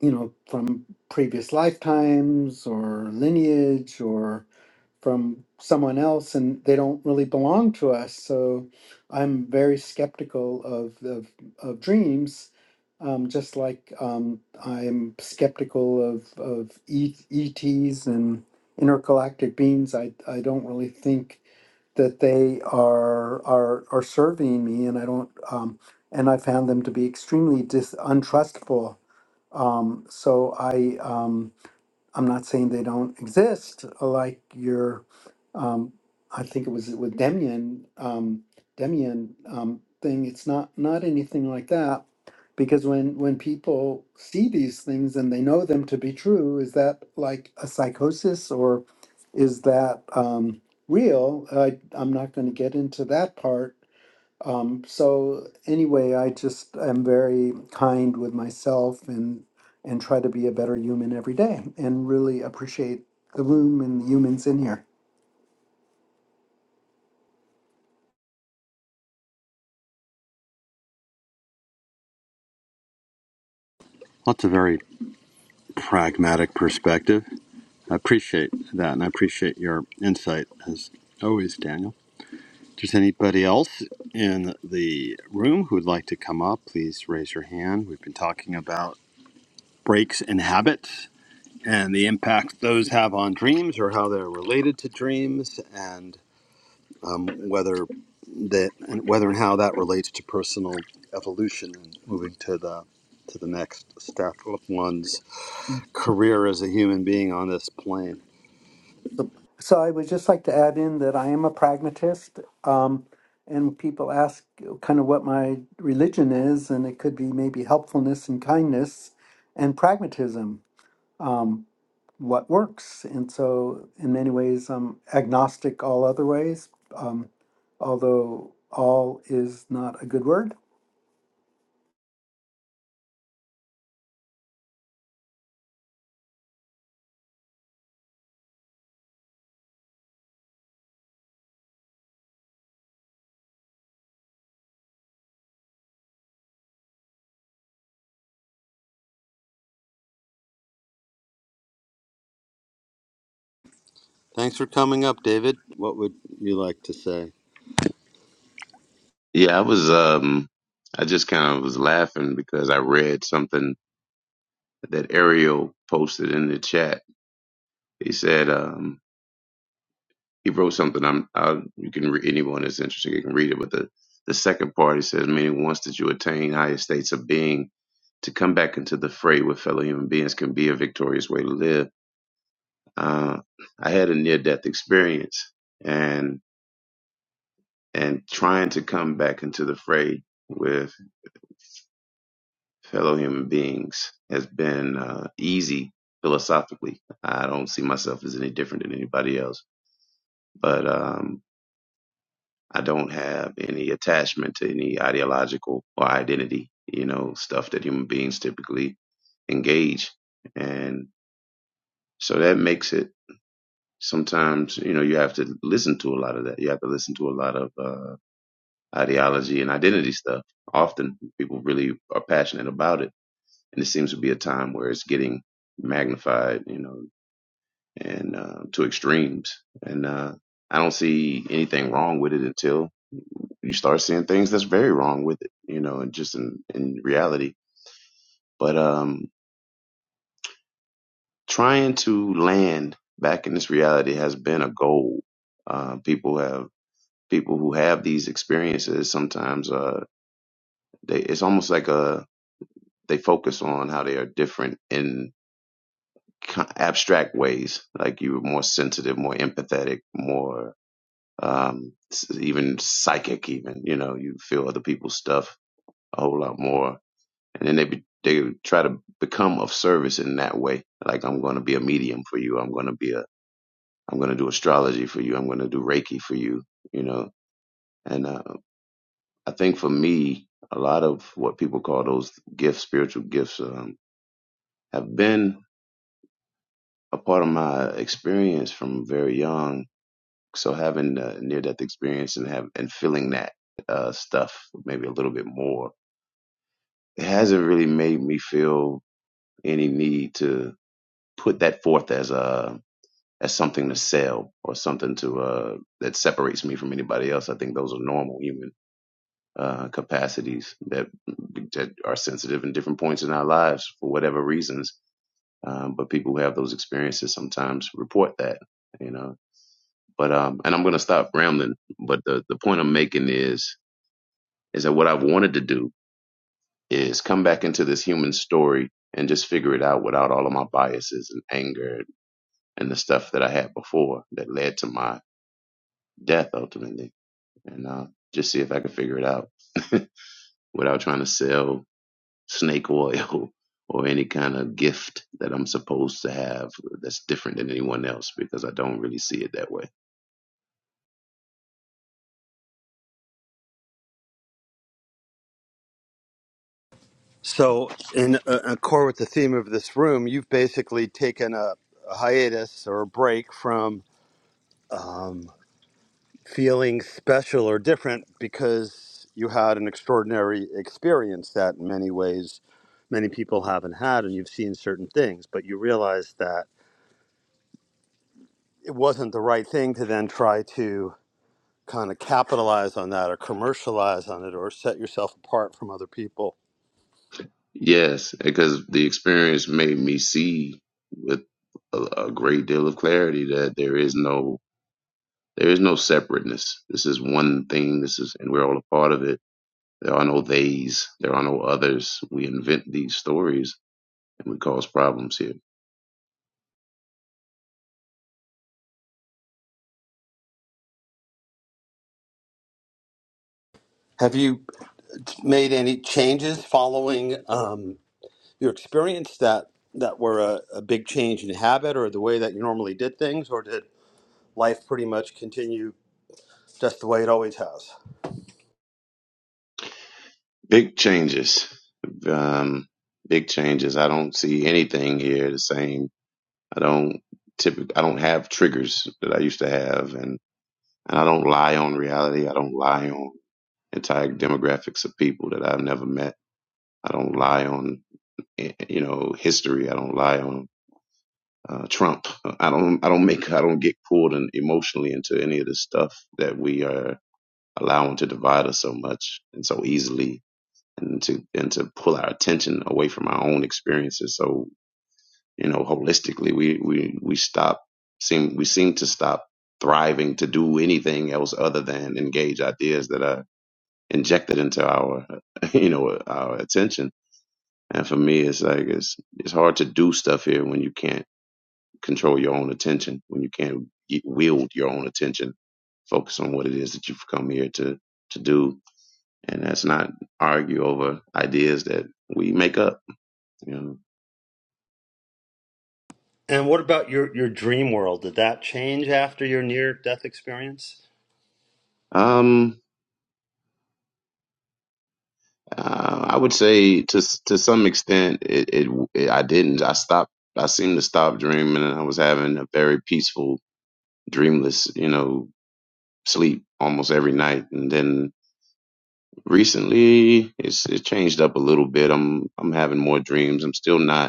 you know, from previous lifetimes or lineage or from someone else, and they don't really belong to us. So I'm very skeptical of of, of dreams, um, just like um, I'm skeptical of of e- ETs and intergalactic beings. I I don't really think that they are are are surveying me, and I don't. Um, and I found them to be extremely dis- untrustful. Um, so I. Um, I'm not saying they don't exist. Like your, um, I think it was with Demian, um, Demian um, thing. It's not not anything like that, because when when people see these things and they know them to be true, is that like a psychosis or is that um, real? I, I'm not going to get into that part um, so anyway, I just am very kind with myself and and try to be a better human every day and really appreciate the room and the humans in here.
Well, That's a very pragmatic perspective. I appreciate that, and I appreciate your insight as always, Daniel. If there's anybody else in the room who would like to come up, please raise your hand. We've been talking about breaks in habits and the impact those have on dreams or how they're related to dreams and um, whether that and whether and how that relates to personal evolution and moving to the to the next step of one's
Mm.
career as a human being on this plane.
So, so I would just like to add in that I am a pragmatist, um, and people ask kind of what my religion is, and it could be maybe helpfulness and kindness and pragmatism. Um, what works. And so, in many ways, I'm agnostic all other ways, um, although all is not a good word.
Thanks for coming up, David. What would you like to say?
Yeah, I was um I just kind of was laughing because I read something that Ariel posted in the chat. He said um he wrote something I'm I, you can read anyone that's interested you can read it but the the second part he says meaning once that you attain higher states of being to come back into the fray with fellow human beings can be a victorious way to live. Uh, I had a near death experience and and trying to come back into the fray with fellow human beings has been uh, easy philosophically. I don't see myself as any different than anybody else, but um, I don't have any attachment to any ideological or identity, you know, stuff that human beings typically engage. And so that makes it sometimes, you know, you have to listen to a lot of that. You have to listen to a lot of uh, ideology and identity stuff. Often people really are passionate about it and it seems to be a time where it's getting magnified, you know, and uh, to extremes. And uh, I don't see anything wrong with it until you start seeing things that's very wrong with it, you know, and just in, in reality. But um, trying to land back in this reality has been a goal. Uh, people have people who have these experiences sometimes uh, they it's almost like a they focus on how they are different in. abstract ways. Like you were more sensitive, more empathetic, more um, even psychic. Even you know you feel other people's stuff a whole lot more, and then they be, they try to become of service in that way. Like I'm going to be a medium for you. I'm going to be a I'm going to do astrology for you. I'm going to do Reiki for you. You know, and uh, I think for me, a lot of what people call those gifts, spiritual gifts, um, have been a part of my experience from very young so having a near death experience and have and feeling that uh, stuff maybe a little bit more it hasn't really made me feel any need to put that forth as a as something to sell or something to uh that separates me from anybody else i think those are normal human uh capacities that that are sensitive in different points in our lives for whatever reasons um, but people who have those experiences sometimes report that you know but um and i'm going to stop rambling but the the point i'm making is is that what I've wanted to do is come back into this human story and just figure it out without all of my biases and anger and the stuff that I had before that led to my death ultimately. And uh, just see if I could figure it out [LAUGHS] without trying to sell snake [LAUGHS] oil or any kind of gift that I'm supposed to have that's different than anyone else because I don't really see it that way.
So, in uh, accord with the theme of this room, you've basically taken a, a hiatus or a break from um, feeling special or different because you had an extraordinary experience that in many ways many people haven't had and you've seen certain things but you realize that it wasn't the right thing to then try to kind of capitalize on that or commercialize on it or set yourself apart from other people
Yes, because the experience made me see with a, a great deal of clarity that there is no There is no separateness. This is one thing. This is, and we're all a part of it. There are no theys. There are no others. We invent these stories and we cause problems here.
have you made any changes following um, your experience that that were a, a big change in habit or the way that you normally did things or did life pretty much continue just the way it always has.
Big changes. Um, big changes. I don't see anything here the same. I don't typically, I don't have triggers that I used to have and, and I don't lie on reality. I don't lie on entire demographics of people that I've never met. I don't lie on, eh, you know, history. I don't lie on uh, Trump. I don't I don't make I don't get pulled in emotionally into any of the stuff that we are allowing to divide us so much and so easily and to and to pull our attention away from our own experiences. So, you know, holistically we we, we stop seem we seem to stop thriving to do anything else other than engage ideas that are injected into our [LAUGHS] you know our attention. And for me it's like it's it's hard to do stuff here when you can't control your own attention, when you can't y- wield your own attention, focus on what it is that you've come here to to do, and that's not argue over ideas that we make up. You
And what about your, your dream world? Did that change after your near death experience?
know, um, uh, I would say to s- to some extent, it, it, it I didn't. I stopped. I seemed to stop dreaming, and I was having a very peaceful, dreamless, you know, sleep almost every night, and then recently it's it changed up a little bit. I'm I'm having more dreams. I'm still not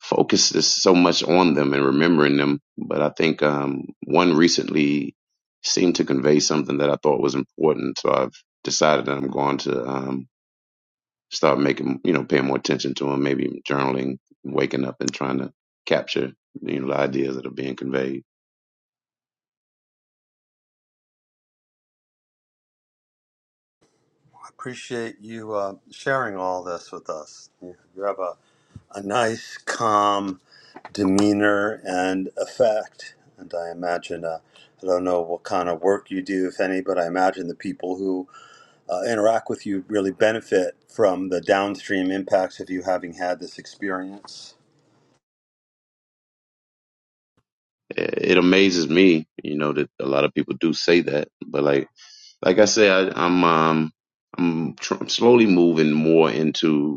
focuses so much on them and remembering them. But I think um, one recently seemed to convey something that I thought was important. So I've decided that I'm going to um, start making, you know, paying more attention to them, maybe journaling, waking up and trying to capture, you know, the ideas that are being conveyed.
I appreciate you uh, sharing all this with us. You you have a, a nice, calm demeanor and effect. And I imagine, uh, I don't know what kind of work you do, if any, but I imagine the people who uh, interact with you really benefit from the downstream impacts of you having had this experience.
It it amazes me, you know, that a lot of people do say that. But like, like I say, I, I'm, um, I'm, tr- I'm slowly moving more into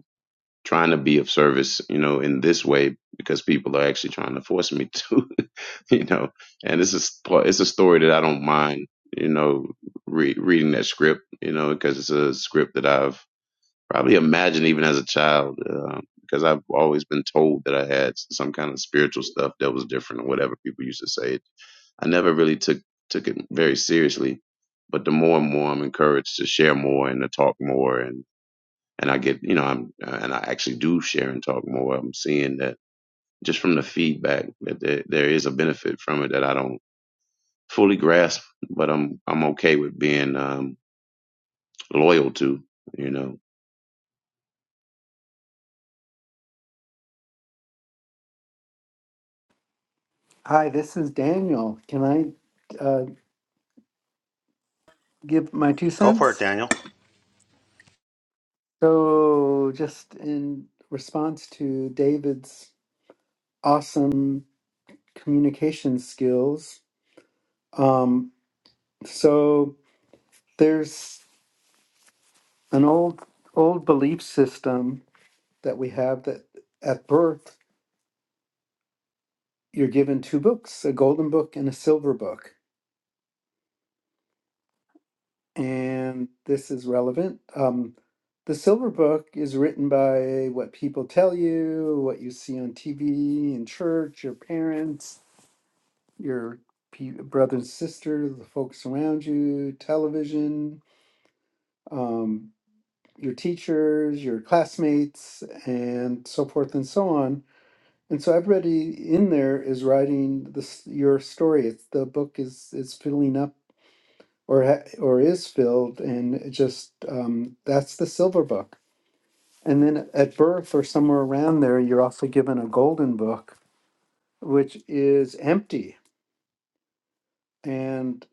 trying to be of service, you know, in this way because people are actually trying to force me to, [LAUGHS] you know. And this is it's a story that I don't mind, you know, re- reading that script, you know, because it's a script that I've probably imagined even as a child, uh, because I've always been told that I had some kind of spiritual stuff that was different or whatever people used to say. I never really took took it very seriously, but the more and more I'm encouraged to share more and to talk more and and I get, you know, I'm, uh, and I actually do share and talk more. I'm seeing that just from the feedback that there, there is a benefit from it that I don't fully grasp, but I'm, I'm okay with being, um, loyal to, you know.
Hi, this is Daniel. Can I uh, give my two
Go for it,
cents?
Daniel.
So, just in response to David's awesome communication skills, um, so there's an old old belief system that we have that at birth you're given two books a golden book and a silver book and this is relevant um, the silver book is written by what people tell you what you see on tv in church your parents your pe- brothers and sisters the folks around you television um, your teachers your classmates and so forth and so on and so everybody in there is writing this your story it's, the book is is filling up or ha- or is filled and it just um, that's the silver book and then at birth or somewhere around there you're also given a golden book which is empty and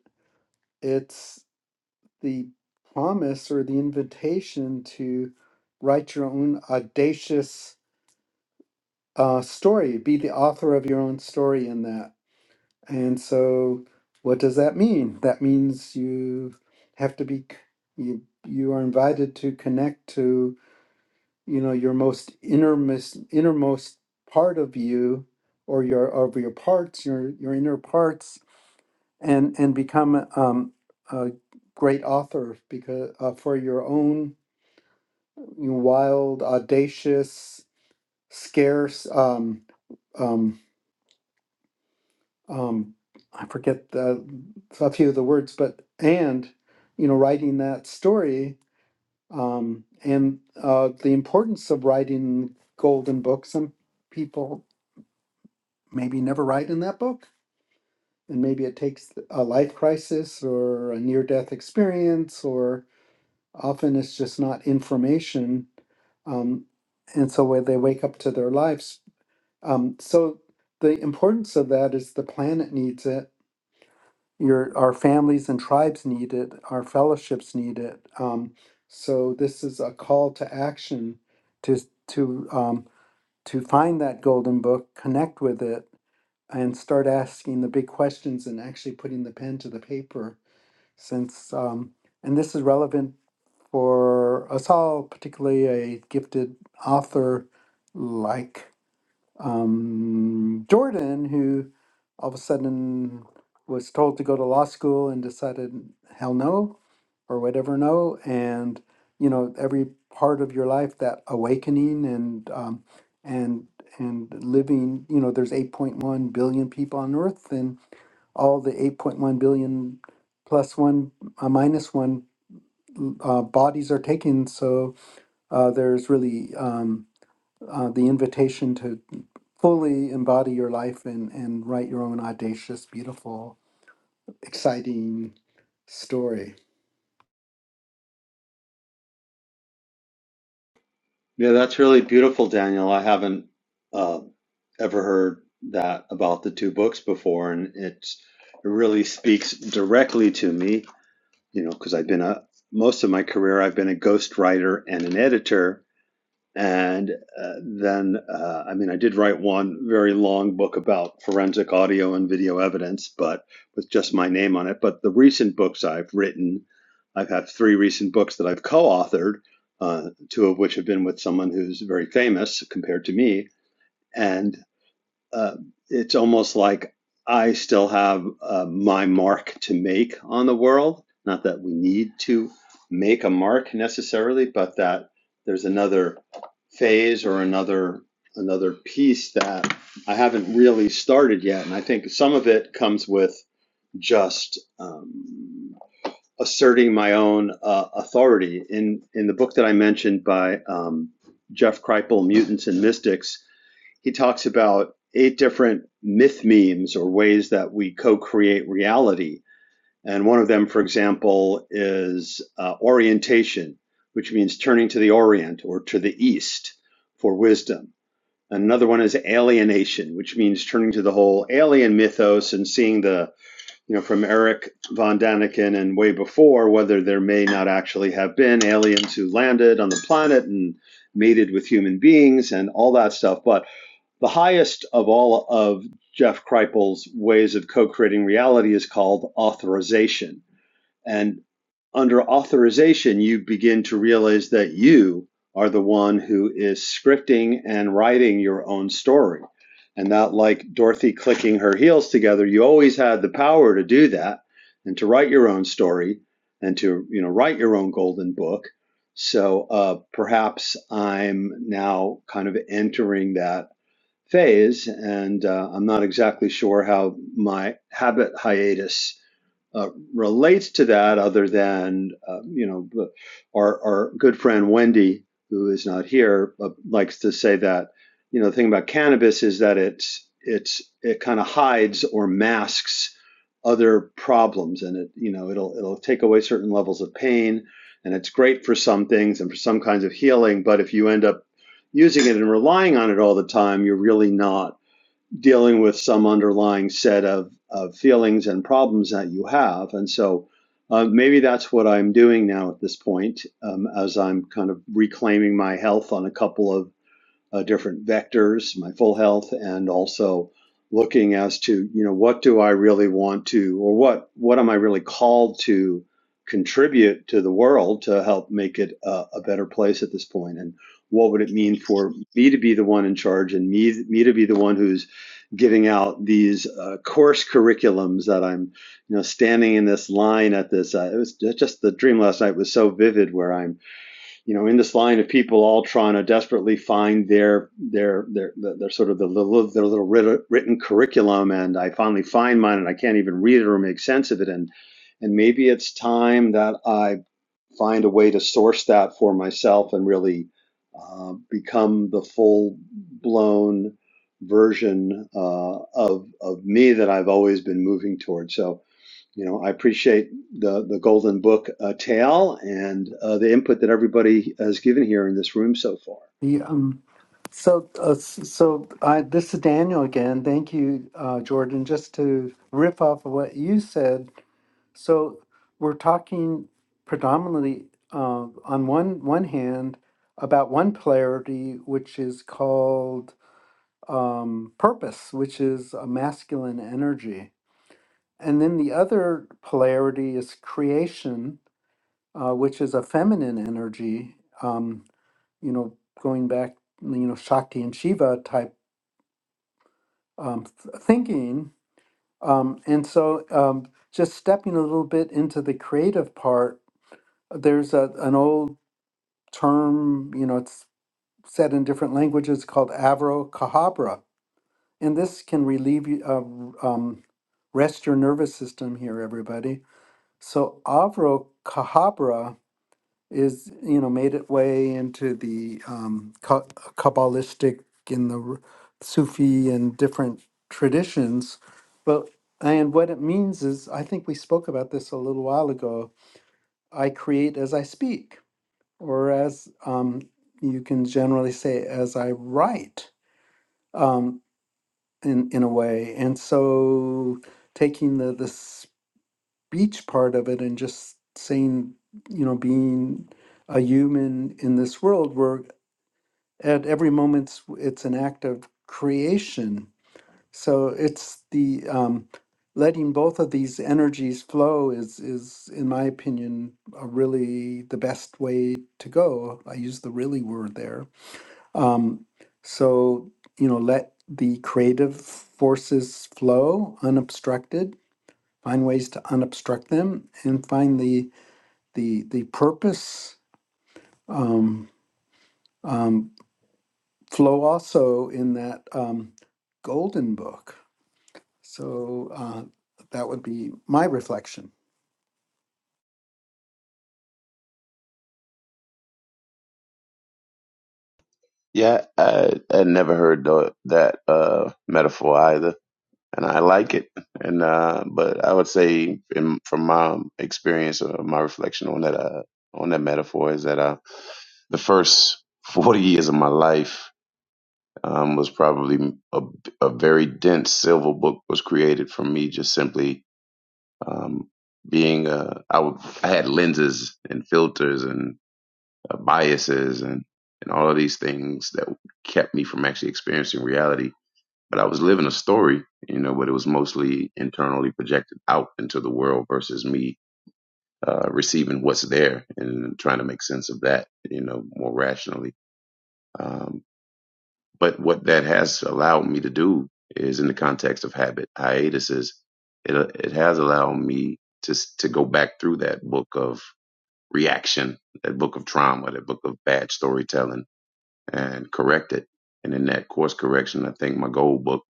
it's the promise or the invitation to write your own audacious uh, story be the author of your own story in that and so what does that mean that means you have to be c- you you are invited to connect to you know your most innermost innermost part of you or your of your parts your your inner parts and and become um, a great author because uh, for your own wild audacious scarce um, um, um, I forget the, a few of the words but and you know writing that story um, and uh, the importance of writing golden books and people maybe never write in that book. And maybe it takes a life crisis or a near death experience, or often it's just not information. Um, and so when they wake up to their lives. Um, so the importance of that is the planet needs it. Your our families and tribes need it. Our fellowships need it. Um, so this is a call to action to to um, to find that golden book, connect with it, and start asking the big questions and actually putting the pen to the paper since um, and this is relevant for us all particularly a gifted author like um, Jordan, who all of a sudden was told to go to law school and decided, hell no, or whatever, no. And, you know, every part of your life, that awakening and, um, and, and living, you know, there's 8.1 billion people on earth and all the 8.1 billion plus one, uh, minus one uh, bodies are taken. So uh, there's really, um, uh, the invitation to fully embody your life and, and write your own audacious, beautiful, exciting story.
Yeah, that's really beautiful, Daniel. I haven't uh, ever heard that about the two books before, and it's, it really speaks directly to me, you know, because I've been a most of my career, I've been a ghostwriter and an editor, and uh, then, uh, I mean, I did write one very long book about forensic audio and video evidence, but with just my name on it. But the recent books I've written, I've had three recent books that I've co authored, uh, two of which have been with someone who's very famous compared to me. And uh, it's almost like I still have uh, my mark to make on the world. Not that we need to make a mark necessarily, but that there's another phase or another another piece that I haven't really started yet. And I think some of it comes with just um, asserting my own uh, authority. In in the book that I mentioned by um, Jeff Kripal, Mutants and Mystics, he talks about eight different myth memes or ways that we co create reality. And one of them, for example, is uh, orientation, which means turning to the Orient or to the East for wisdom. Another one is alienation, which means turning to the whole alien mythos and seeing the, you know, from Eric von Daniken and way before, whether there may not actually have been aliens who landed on the planet and mated with human beings and all that stuff. But the highest of all of Jeff Kripal's ways of co creating reality is called authorization. And under authorization, you begin to realize that you are the one who is scripting and writing your own story. And not like Dorothy clicking her heels together, you always had the power to do that and to write your own story and to you know write your own golden book. So uh, perhaps I'm now kind of entering that phase, and uh, I'm not exactly sure how my habit hiatus uh, relates to that, other than uh, you know our our good friend Wendy, who is not here, uh, likes to say that you know the thing about cannabis is that it's it's it kind of hides or masks other problems, and it you know it'll it'll take away certain levels of pain. And it's great for some things and for some kinds of healing, but if you end up using it and relying on it all the time, you're really not dealing with some underlying set of, of feelings and problems that you have. And so uh, maybe that's what I'm doing now at this point um, as I'm kind of reclaiming my health on a couple of uh, different vectors, my full health, and also looking as to you know what do I really want to, or what what am I really called to contribute to the world to help make it a, a better place at this point, and what would it mean for me to be the one in charge and me me to be the one who's giving out these uh, course curriculums that I'm you know standing in this line at this uh, it was just the dream last night was so vivid where I'm you know, in this line of people all trying to desperately find their their their their, their sort of the little, their little written curriculum, and I finally find mine, and I can't even read it or make sense of it, and and maybe it's time that I find a way to source that for myself and really uh, become the full blown version uh, of of me that I've always been moving towards. So you know, I appreciate the the Golden Book uh, tale and uh, the input that everybody has given here in this room so far.
The, um, so, uh, s- so I, this is Daniel again. Thank you, uh, Jordan. Just to riff off of what you said, so we're talking predominantly uh, on one one hand about one polarity, which is called um, purpose, which is a masculine energy And then the other polarity is creation, uh, which is a feminine energy, um, you know, going back, you know, Shakti and Shiva type um, th- thinking. Um, and so um, just stepping a little bit into the creative part, there's a, an old term, you know, it's said in different languages called abracadabra. And this can relieve you, uh, um, rest your nervous system here, everybody. So abracadabra is, you know, made its way into the um, Ka- Kabbalistic in the r- Sufi and different traditions. But and what it means is, I think we spoke about this a little while ago. I create as I speak, or as um, you can generally say, as I write, um, in in a way. And so, taking the the speech part of it and just saying, you know, being a human in this world, we're at every moment it's an act of creation so it's the um, letting both of these energies flow is is in my opinion a really the best way to go i use the really word there um, so you know let the creative forces flow unobstructed find ways to unobstruct them and find the the the purpose um, um, flow also in that um, golden book. So uh, that would be my reflection.
Yeah. I, I never heard tho- that, uh, metaphor either. And I like it. And, uh, but I would say in, from my experience or my reflection on that, uh, on that metaphor is that, uh, the first 40 years of my life um, was probably a, a very dense silver book was created from me just simply um, being uh, I w- I had lenses and filters and uh, biases and and all of these things that kept me from actually experiencing reality. But I was living a story, you know, but it was mostly internally projected out into the world versus me uh, receiving what's there and trying to make sense of that, you know, more rationally. Um, but what that has allowed me to do is in the context of habit hiatuses it it has allowed me to to go back through that book of reaction that book of trauma that book of bad storytelling and correct it and in that course correction i think my goal book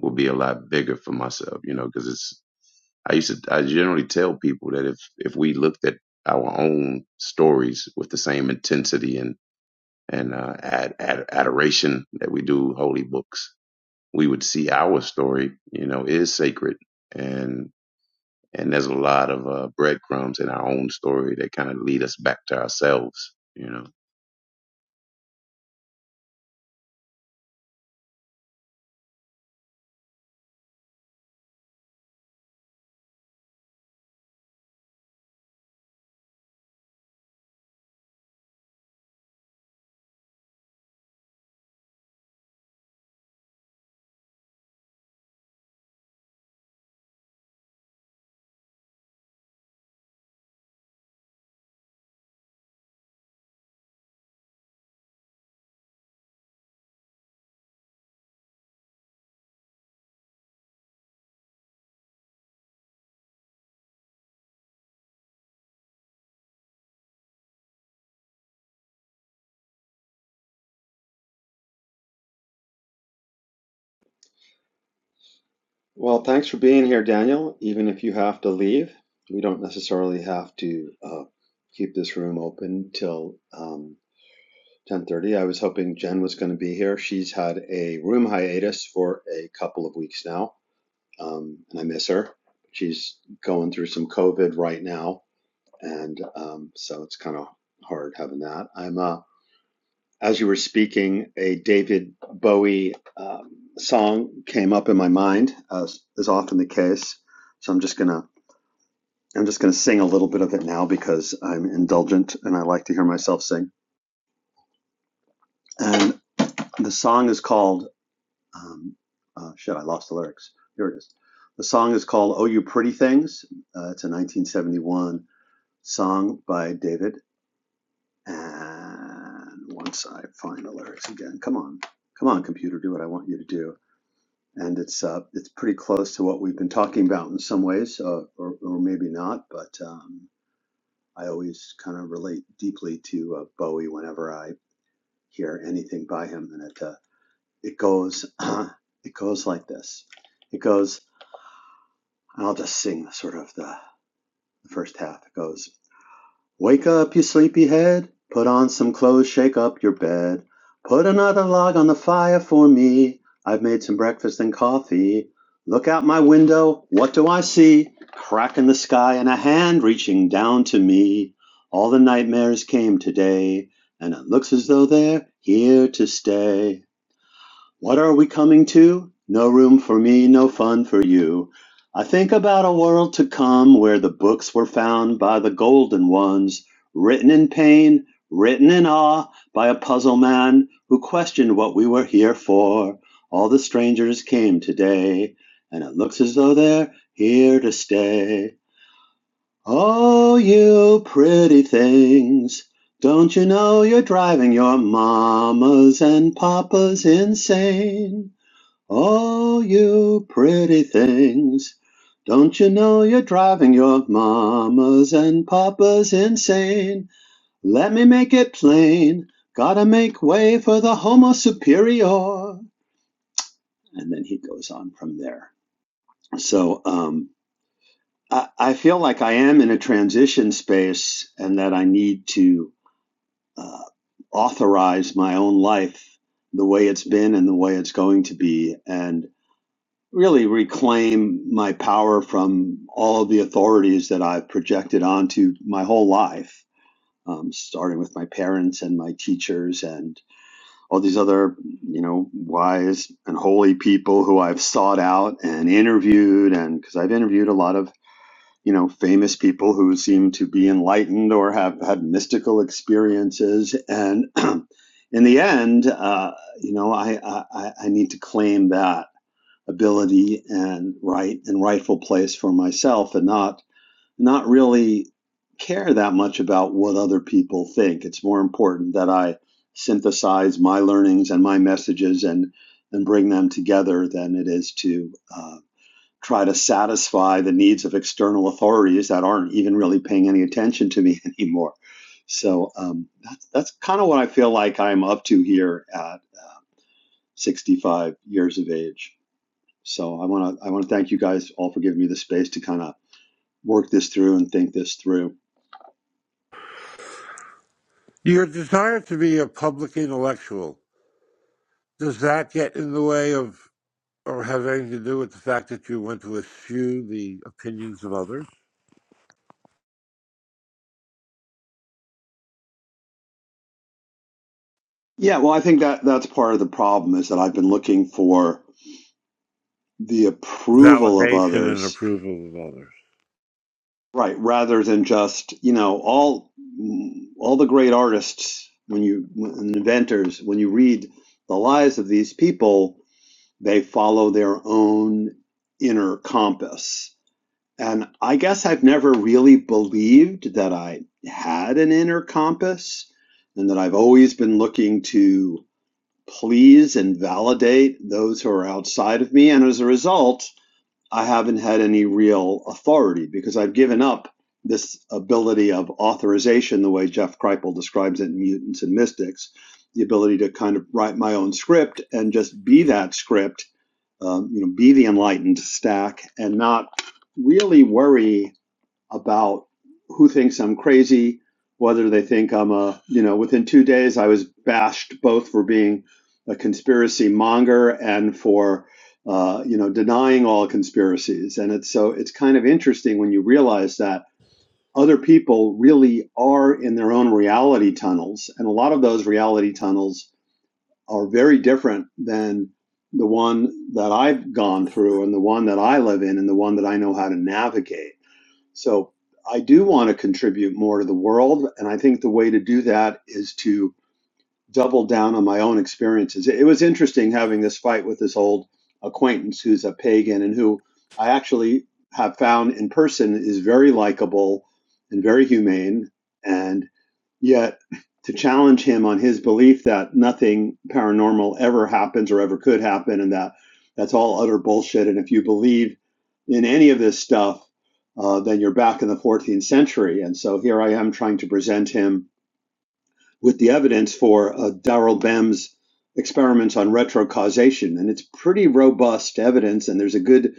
will be a lot bigger for myself you know because it's i used to i generally tell people that if if we looked at our own stories with the same intensity and and uh, ad, ad, adoration that we do holy books we would see our story, you know, is sacred. And and there's a lot of uh, breadcrumbs in our own story that kind of lead us back to ourselves. You know,
Well, thanks for being here, Daniel. Even if you have to leave, we don't necessarily have to uh, keep this room open till um, ten thirty. I was hoping Jen was going to be here. She's had a room hiatus for a couple of weeks now, um, and I miss her. She's going through some COVID right now, and um, so it's kind of hard having that. I'm uh, as you were speaking, a David Bowie um, song came up in my mind, as is often the case. So I'm just gonna I'm just gonna sing a little bit of it now because I'm indulgent and I like to hear myself sing. And the song is called um, uh, shit. I lost the lyrics. Here it is. The song is called "Oh You Pretty Things." Uh, it's a 1971 song by David. And once I find the lyrics again, come on, come on, computer, do what I want you to do. and it's uh, it's pretty close to what we've been talking about in some ways, uh, or, or maybe not. But um, I always kind of relate deeply to uh, Bowie whenever I hear anything by him, and it uh, it goes [CLEARS THROAT] it goes like this. It goes. I'll just sing sort of the, the first half. It goes. Wake up, you sleepy head! Put on some clothes, shake up your bed. Put another log on the fire for me. I've made some breakfast and coffee. Look out my window, what do I see? Crack in the sky and a hand reaching down to me. All the nightmares came today, and it looks as though they're here to stay. What are we coming to? No room for me, no fun for you. I think about a world to come where the books were found by the golden ones, written in pain, written in awe, by a puzzle man who questioned what we were here for. All the strangers came today, and it looks as though they're here to stay. Oh, you pretty things. Don't you know you're driving your mamas and papas insane? Oh, you pretty things. Don't you know you're driving your mamas and papas insane? Let me make it plain. Gotta make way for the homo superior. And then he goes on from there. So um, I, I feel like I am in a transition space and that I need to uh, authorize my own life the way it's been and the way it's going to be. and. really reclaim my power from all of the authorities that I've projected onto my whole life, um, starting with my parents and my teachers and all these other, you know, wise and holy people who I've sought out and interviewed. And because I've interviewed a lot of, you know, famous people who seem to be enlightened or have had mystical experiences. And [CLEARS THROAT] in the end, uh, you know, I, I, I I need to claim that ability and right and rightful place for myself and not not really care that much about what other people think it's more important that i synthesize my learnings and my messages and and bring them together than it is to uh, try to satisfy the needs of external authorities that aren't even really paying any attention to me [LAUGHS] anymore so um, that's that's kind of what i feel like i'm up to here at uh, 65 years of age so I want to I want to thank you guys all for giving me the space to kind of work this through and think this through.
Your desire to be a public intellectual, does that get in the way of or have anything to do with the fact that you want to eschew the opinions of others?
Yeah, well, I think that that's part of the problem is that I've been looking for the approval of
Validation and
others,
approval of others.
right, rather than just you know all all the great artists when you and inventors when you read the lives of these people They follow their own inner compass. And I guess I've never really believed that I had an inner compass and that I've always been looking to please and validate those who are outside of me. And as a result, I haven't had any real authority because I've given up this ability of authorization, the way Jeff Kripal describes it in Mutants and Mystics, the ability to kind of write my own script and just be that script um, you know, be the enlightened stack and not really worry about who thinks I'm crazy, whether they think I'm a, you know, within two days I was bashed both for being a conspiracy monger and for, uh, you know, denying all conspiracies. And it's so it's kind of interesting when you realize that other people really are in their own reality tunnels, and a lot of those reality tunnels are very different than the one that I've gone through and the one that I live in and the one that I know how to navigate. So I do want to contribute more to the world. And I think the way to do that is to double down on my own experiences. It was interesting having this fight with this old acquaintance who's a pagan and who I actually have found in person is very likable and very humane. And Yet, to challenge him on his belief that nothing paranormal ever happens or ever could happen, and that that's all utter bullshit. And if you believe in any of this stuff, uh, then you're back in the 14th century. And so here I am trying to present him with the evidence for uh, Darrell Bem's experiments on retrocausation. And it's pretty robust evidence, and there's a good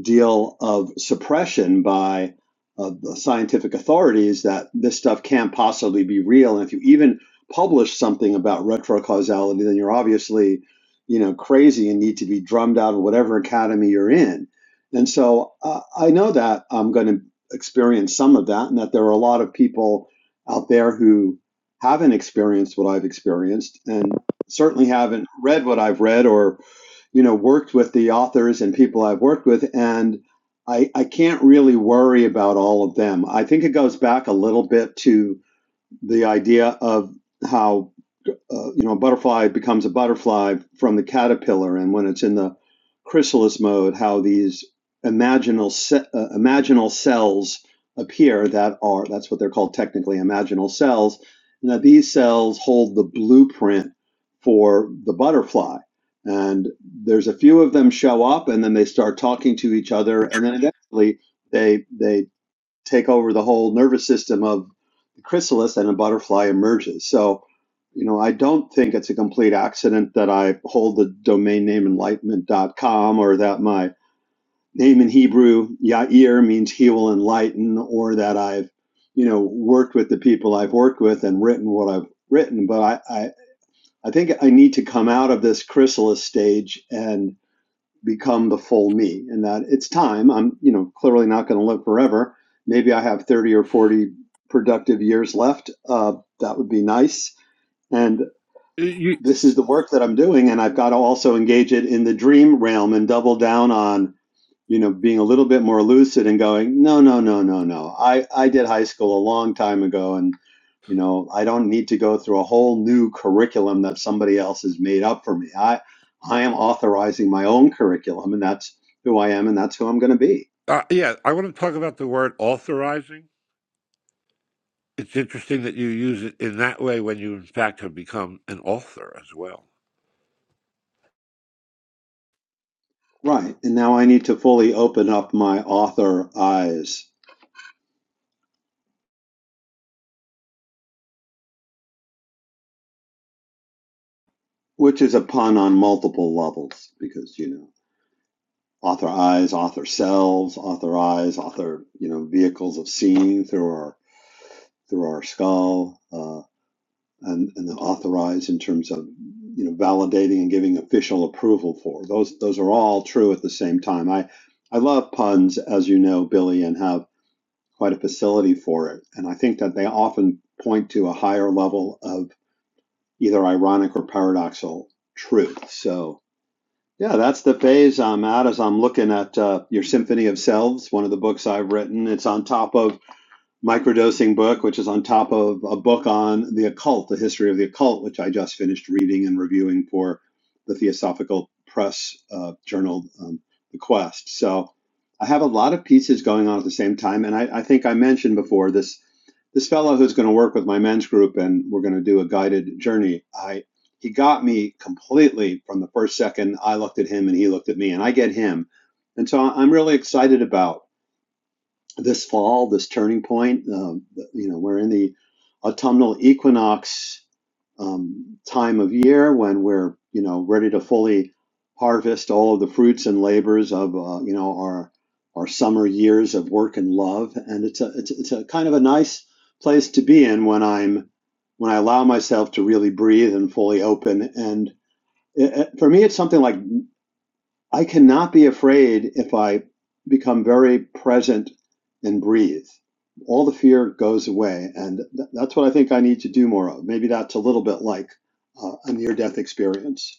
deal of suppression by uh, the scientific authorities that this stuff can't possibly be real. And if you even publish something about retrocausality, then you're obviously, you know, crazy and need to be drummed out of whatever academy you're in. And so uh, I know that I'm going to experience some of that, and that there are a lot of people out there who haven't experienced what I've experienced, and certainly haven't read what I've read or you know, worked with the authors and people I've worked with, and I, I can't really worry about all of them. I think it goes back a little bit to the idea of how uh, you know, a butterfly becomes a butterfly from the caterpillar, and when it's in the chrysalis mode, how these imaginal ce- uh, imaginal cells appear that are that's what they're called technically imaginal cells, Now these cells hold the blueprint for the butterfly. And there's a few of them show up, and then they start talking to each other, and then eventually they they take over the whole nervous system of chrysalis and a butterfly emerges. So, you know, I don't think it's a complete accident that I hold the domain name enlightenment dot com, or that my name in Hebrew, Yair, means he will enlighten, or that I've, you know, worked with the people I've worked with and written what I've written. But I, I, I think I need to come out of this chrysalis stage and become the full me and that it's time i'm you know clearly not going to live forever maybe i have 30 or 40 productive years left uh, that would be nice and
You,
this is the work that i'm doing and i've got to also engage it in the dream realm and double down on you know, being a little bit more lucid and going, no, no, no, no, no. I, I did high school a long time ago and, you know, I don't need to go through a whole new curriculum that somebody else has made up for me. I, I am authorizing my own curriculum and that's who I am and that's who I'm going to be.
uh, yeah, I want to talk about the word authorizing. It's interesting that you use it in that way when you, in fact, have become an author as well.
Right. And now I need to fully open up my author eyes, which is a pun on multiple levels because, you know. authorize author selves authorize author you know vehicles of seeing through our through our skull uh, and and then authorize in terms of you know validating and giving official approval for those those are all true at the same time i i love puns as you know billy and have quite a facility for it and i think that they often point to a higher level of either ironic or paradoxical truth so yeah, that's the phase I'm at as I'm looking at uh, your Symphony of Selves, one of the books I've written. It's on top of microdosing book, which is on top of a book on the occult, the history of the occult, which I just finished reading and reviewing for the Theosophical Press uh, journal, um, The Quest. So I have a lot of pieces going on at the same time, and I, I think I mentioned before this this fellow who's going to work with my men's group, and we're going to do a guided journey. I he got me completely from the first second I looked at him and he looked at me, and I get him, and so I'm really excited about this fall, this turning point. Um, you know, we're in the autumnal equinox um, time of year when we're you know ready to fully harvest all of the fruits and labors of uh, you know our our summer years of work and love, and it's a it's, it's a kind of a nice place to be in when I'm when I allow myself to really breathe and fully open. And it, it- for me, it's something like I cannot be afraid if I become very present and breathe. All the fear goes away. And th- that's what I think I need to do more of. Maybe that's a little bit like uh, a near death experience.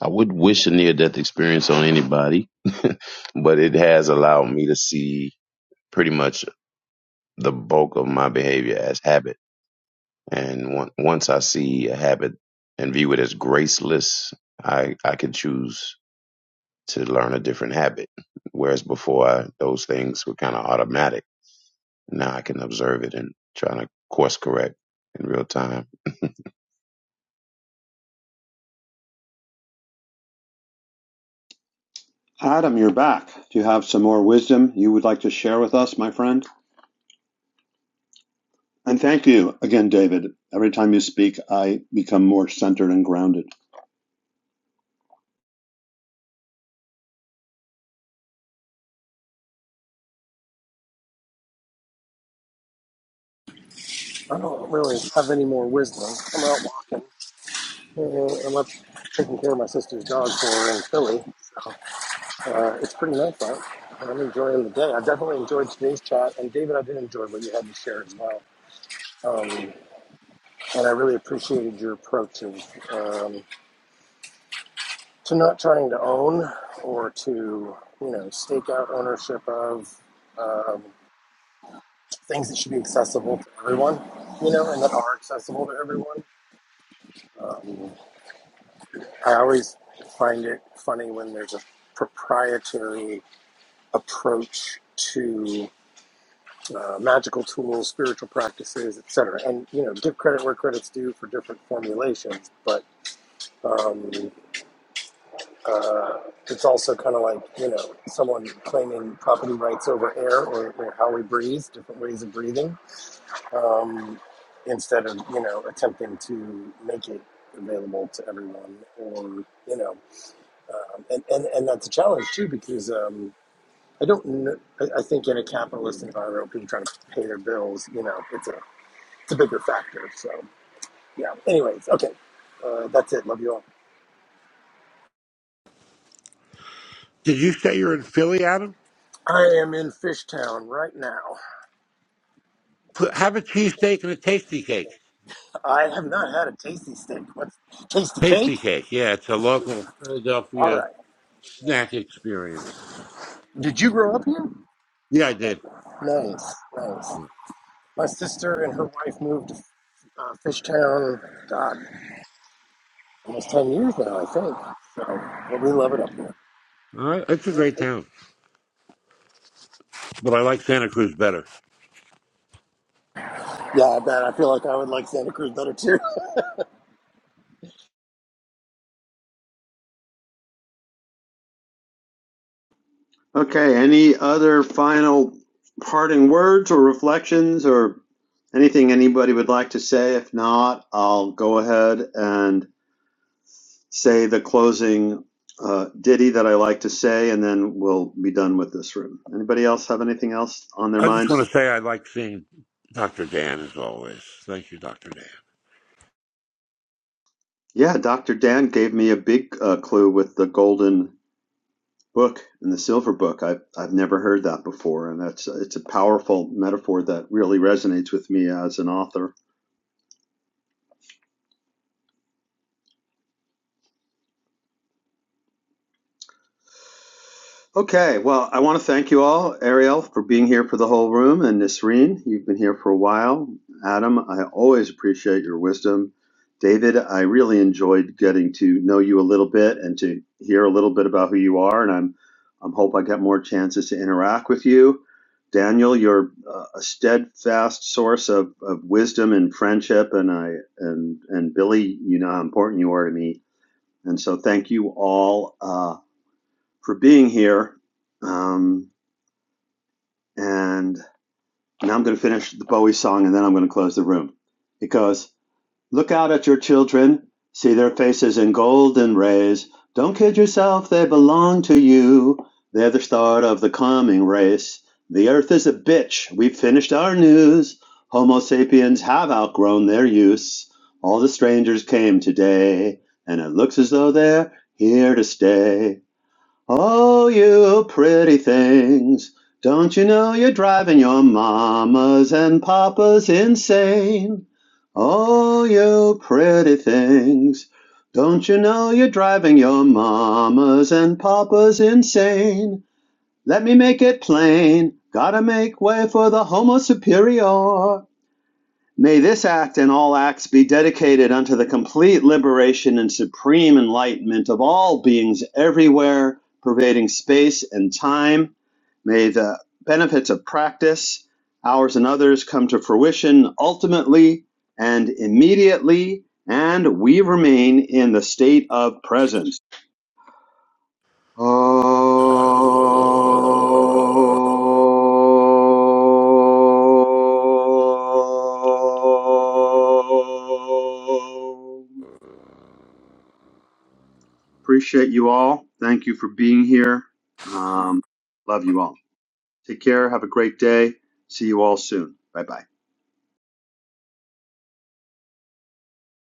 I wouldn't wish a near death experience on anybody, [LAUGHS] but it has allowed me to see pretty much the bulk of my behavior as habit. And on- once I see a habit and view it as graceless, I I can choose to learn a different habit. Whereas before, I, those things were kind of automatic Now I can observe it and try to course correct in real time. [LAUGHS]
Adam, you're back. Do you have some more wisdom you would like to share with us, my friend? And thank you again, David. Every time you speak, I become more centered and grounded.
I don't really have any more wisdom. I'm out walking. Uh, I'm up taking care of my sister's dog for her in Philly. So, Uh, it's pretty nice out. I'm enjoying the day. I definitely enjoyed today's chat. And David, I did enjoy what you had to share as well. Um, and I really appreciated your approach of, um, to not trying to own or to, you know, stake out ownership of um, things that should be accessible to everyone, you know, and that are accessible to everyone. Um, I always find it funny when there's a proprietary approach to uh, magical tools, spiritual practices, et cetera. And you know, give credit where credit's due for different formulations, but um, uh, it's also kind of like you know someone claiming property rights over air or, or how we breathe, different ways of breathing, um, instead of you know attempting to make it available to everyone or you know um, and, and and that's a challenge too because um, I don't kn- I, I think in a capitalist environment, people trying to pay their bills, you know, it's a it's a bigger factor. So yeah. Anyways, okay, uh, that's it. Love you all.
Did you say you're in Philly, Adam?
I am in Fishtown right now.
Put- Have a cheesesteak and a tasty cake.
I have not had a tasty steak. What's tasty cake?
Tasty cake, yeah, it's a local
All
Philadelphia
right.
snack experience.
Did you grow up here?
Yeah, I did.
Nice, nice. My sister and her wife moved to uh, Fishtown. God. almost 10 years now, I think. So, but we love it up here.
All right, it's a great town, but I like Santa Cruz better.
Yeah, man, I feel like I would like Santa Cruz better too.
Okay, any other final parting words or reflections or anything anybody would like to say? If not, I'll go ahead and say the closing uh, ditty that I like to say, and then we'll be done with this room. Anybody else have anything else on their
I just
minds?
want to say I like seeing Dr. Dan as always. Thank you, Dr.
Yeah, Dr. Dan gave me a big uh, clue with the golden book and the silver book. I've, I've never heard that before, and that's it's a powerful metaphor that really resonates with me as an author. Okay, well, I want to thank you all, Ariel, for being here for the whole room, and Nisreen, you've been here for a while. Adam, I always appreciate your wisdom. David, I really enjoyed getting to know you a little bit and to hear a little bit about who you are, and I'm I'm hope I get more chances to interact with you. Daniel, you're uh, a steadfast source of, of wisdom and friendship, and I and and Billy, you know how important you are to me, and so thank you all. Uh, for being here. Um, and now I'm going to finish the Bowie song and then I'm going to close the room. Because look out at your children, see their faces in golden rays. Don't kid yourself, they belong to you. They're the start of the coming race. The earth is a bitch. We've finished our news. Homo sapiens have outgrown their use. All the strangers came today, and it looks as though they're here to stay. Oh, you pretty things. Don't you know you're driving your mamas and papas insane? Oh, you pretty things. Don't you know you're driving your mamas and papas insane? Let me make it plain. Gotta make way for the homo superior. May this act and all acts be dedicated unto the complete liberation and supreme enlightenment of all beings everywhere, pervading space and time. May the benefits of practice, ours and others, come to fruition ultimately and immediately, and we remain in the state of presence.
Dan. Uh,
Om. Appreciate you all. Thank you for being here. Um, love you all. Take care. Have a great day. See you all soon. Bye bye.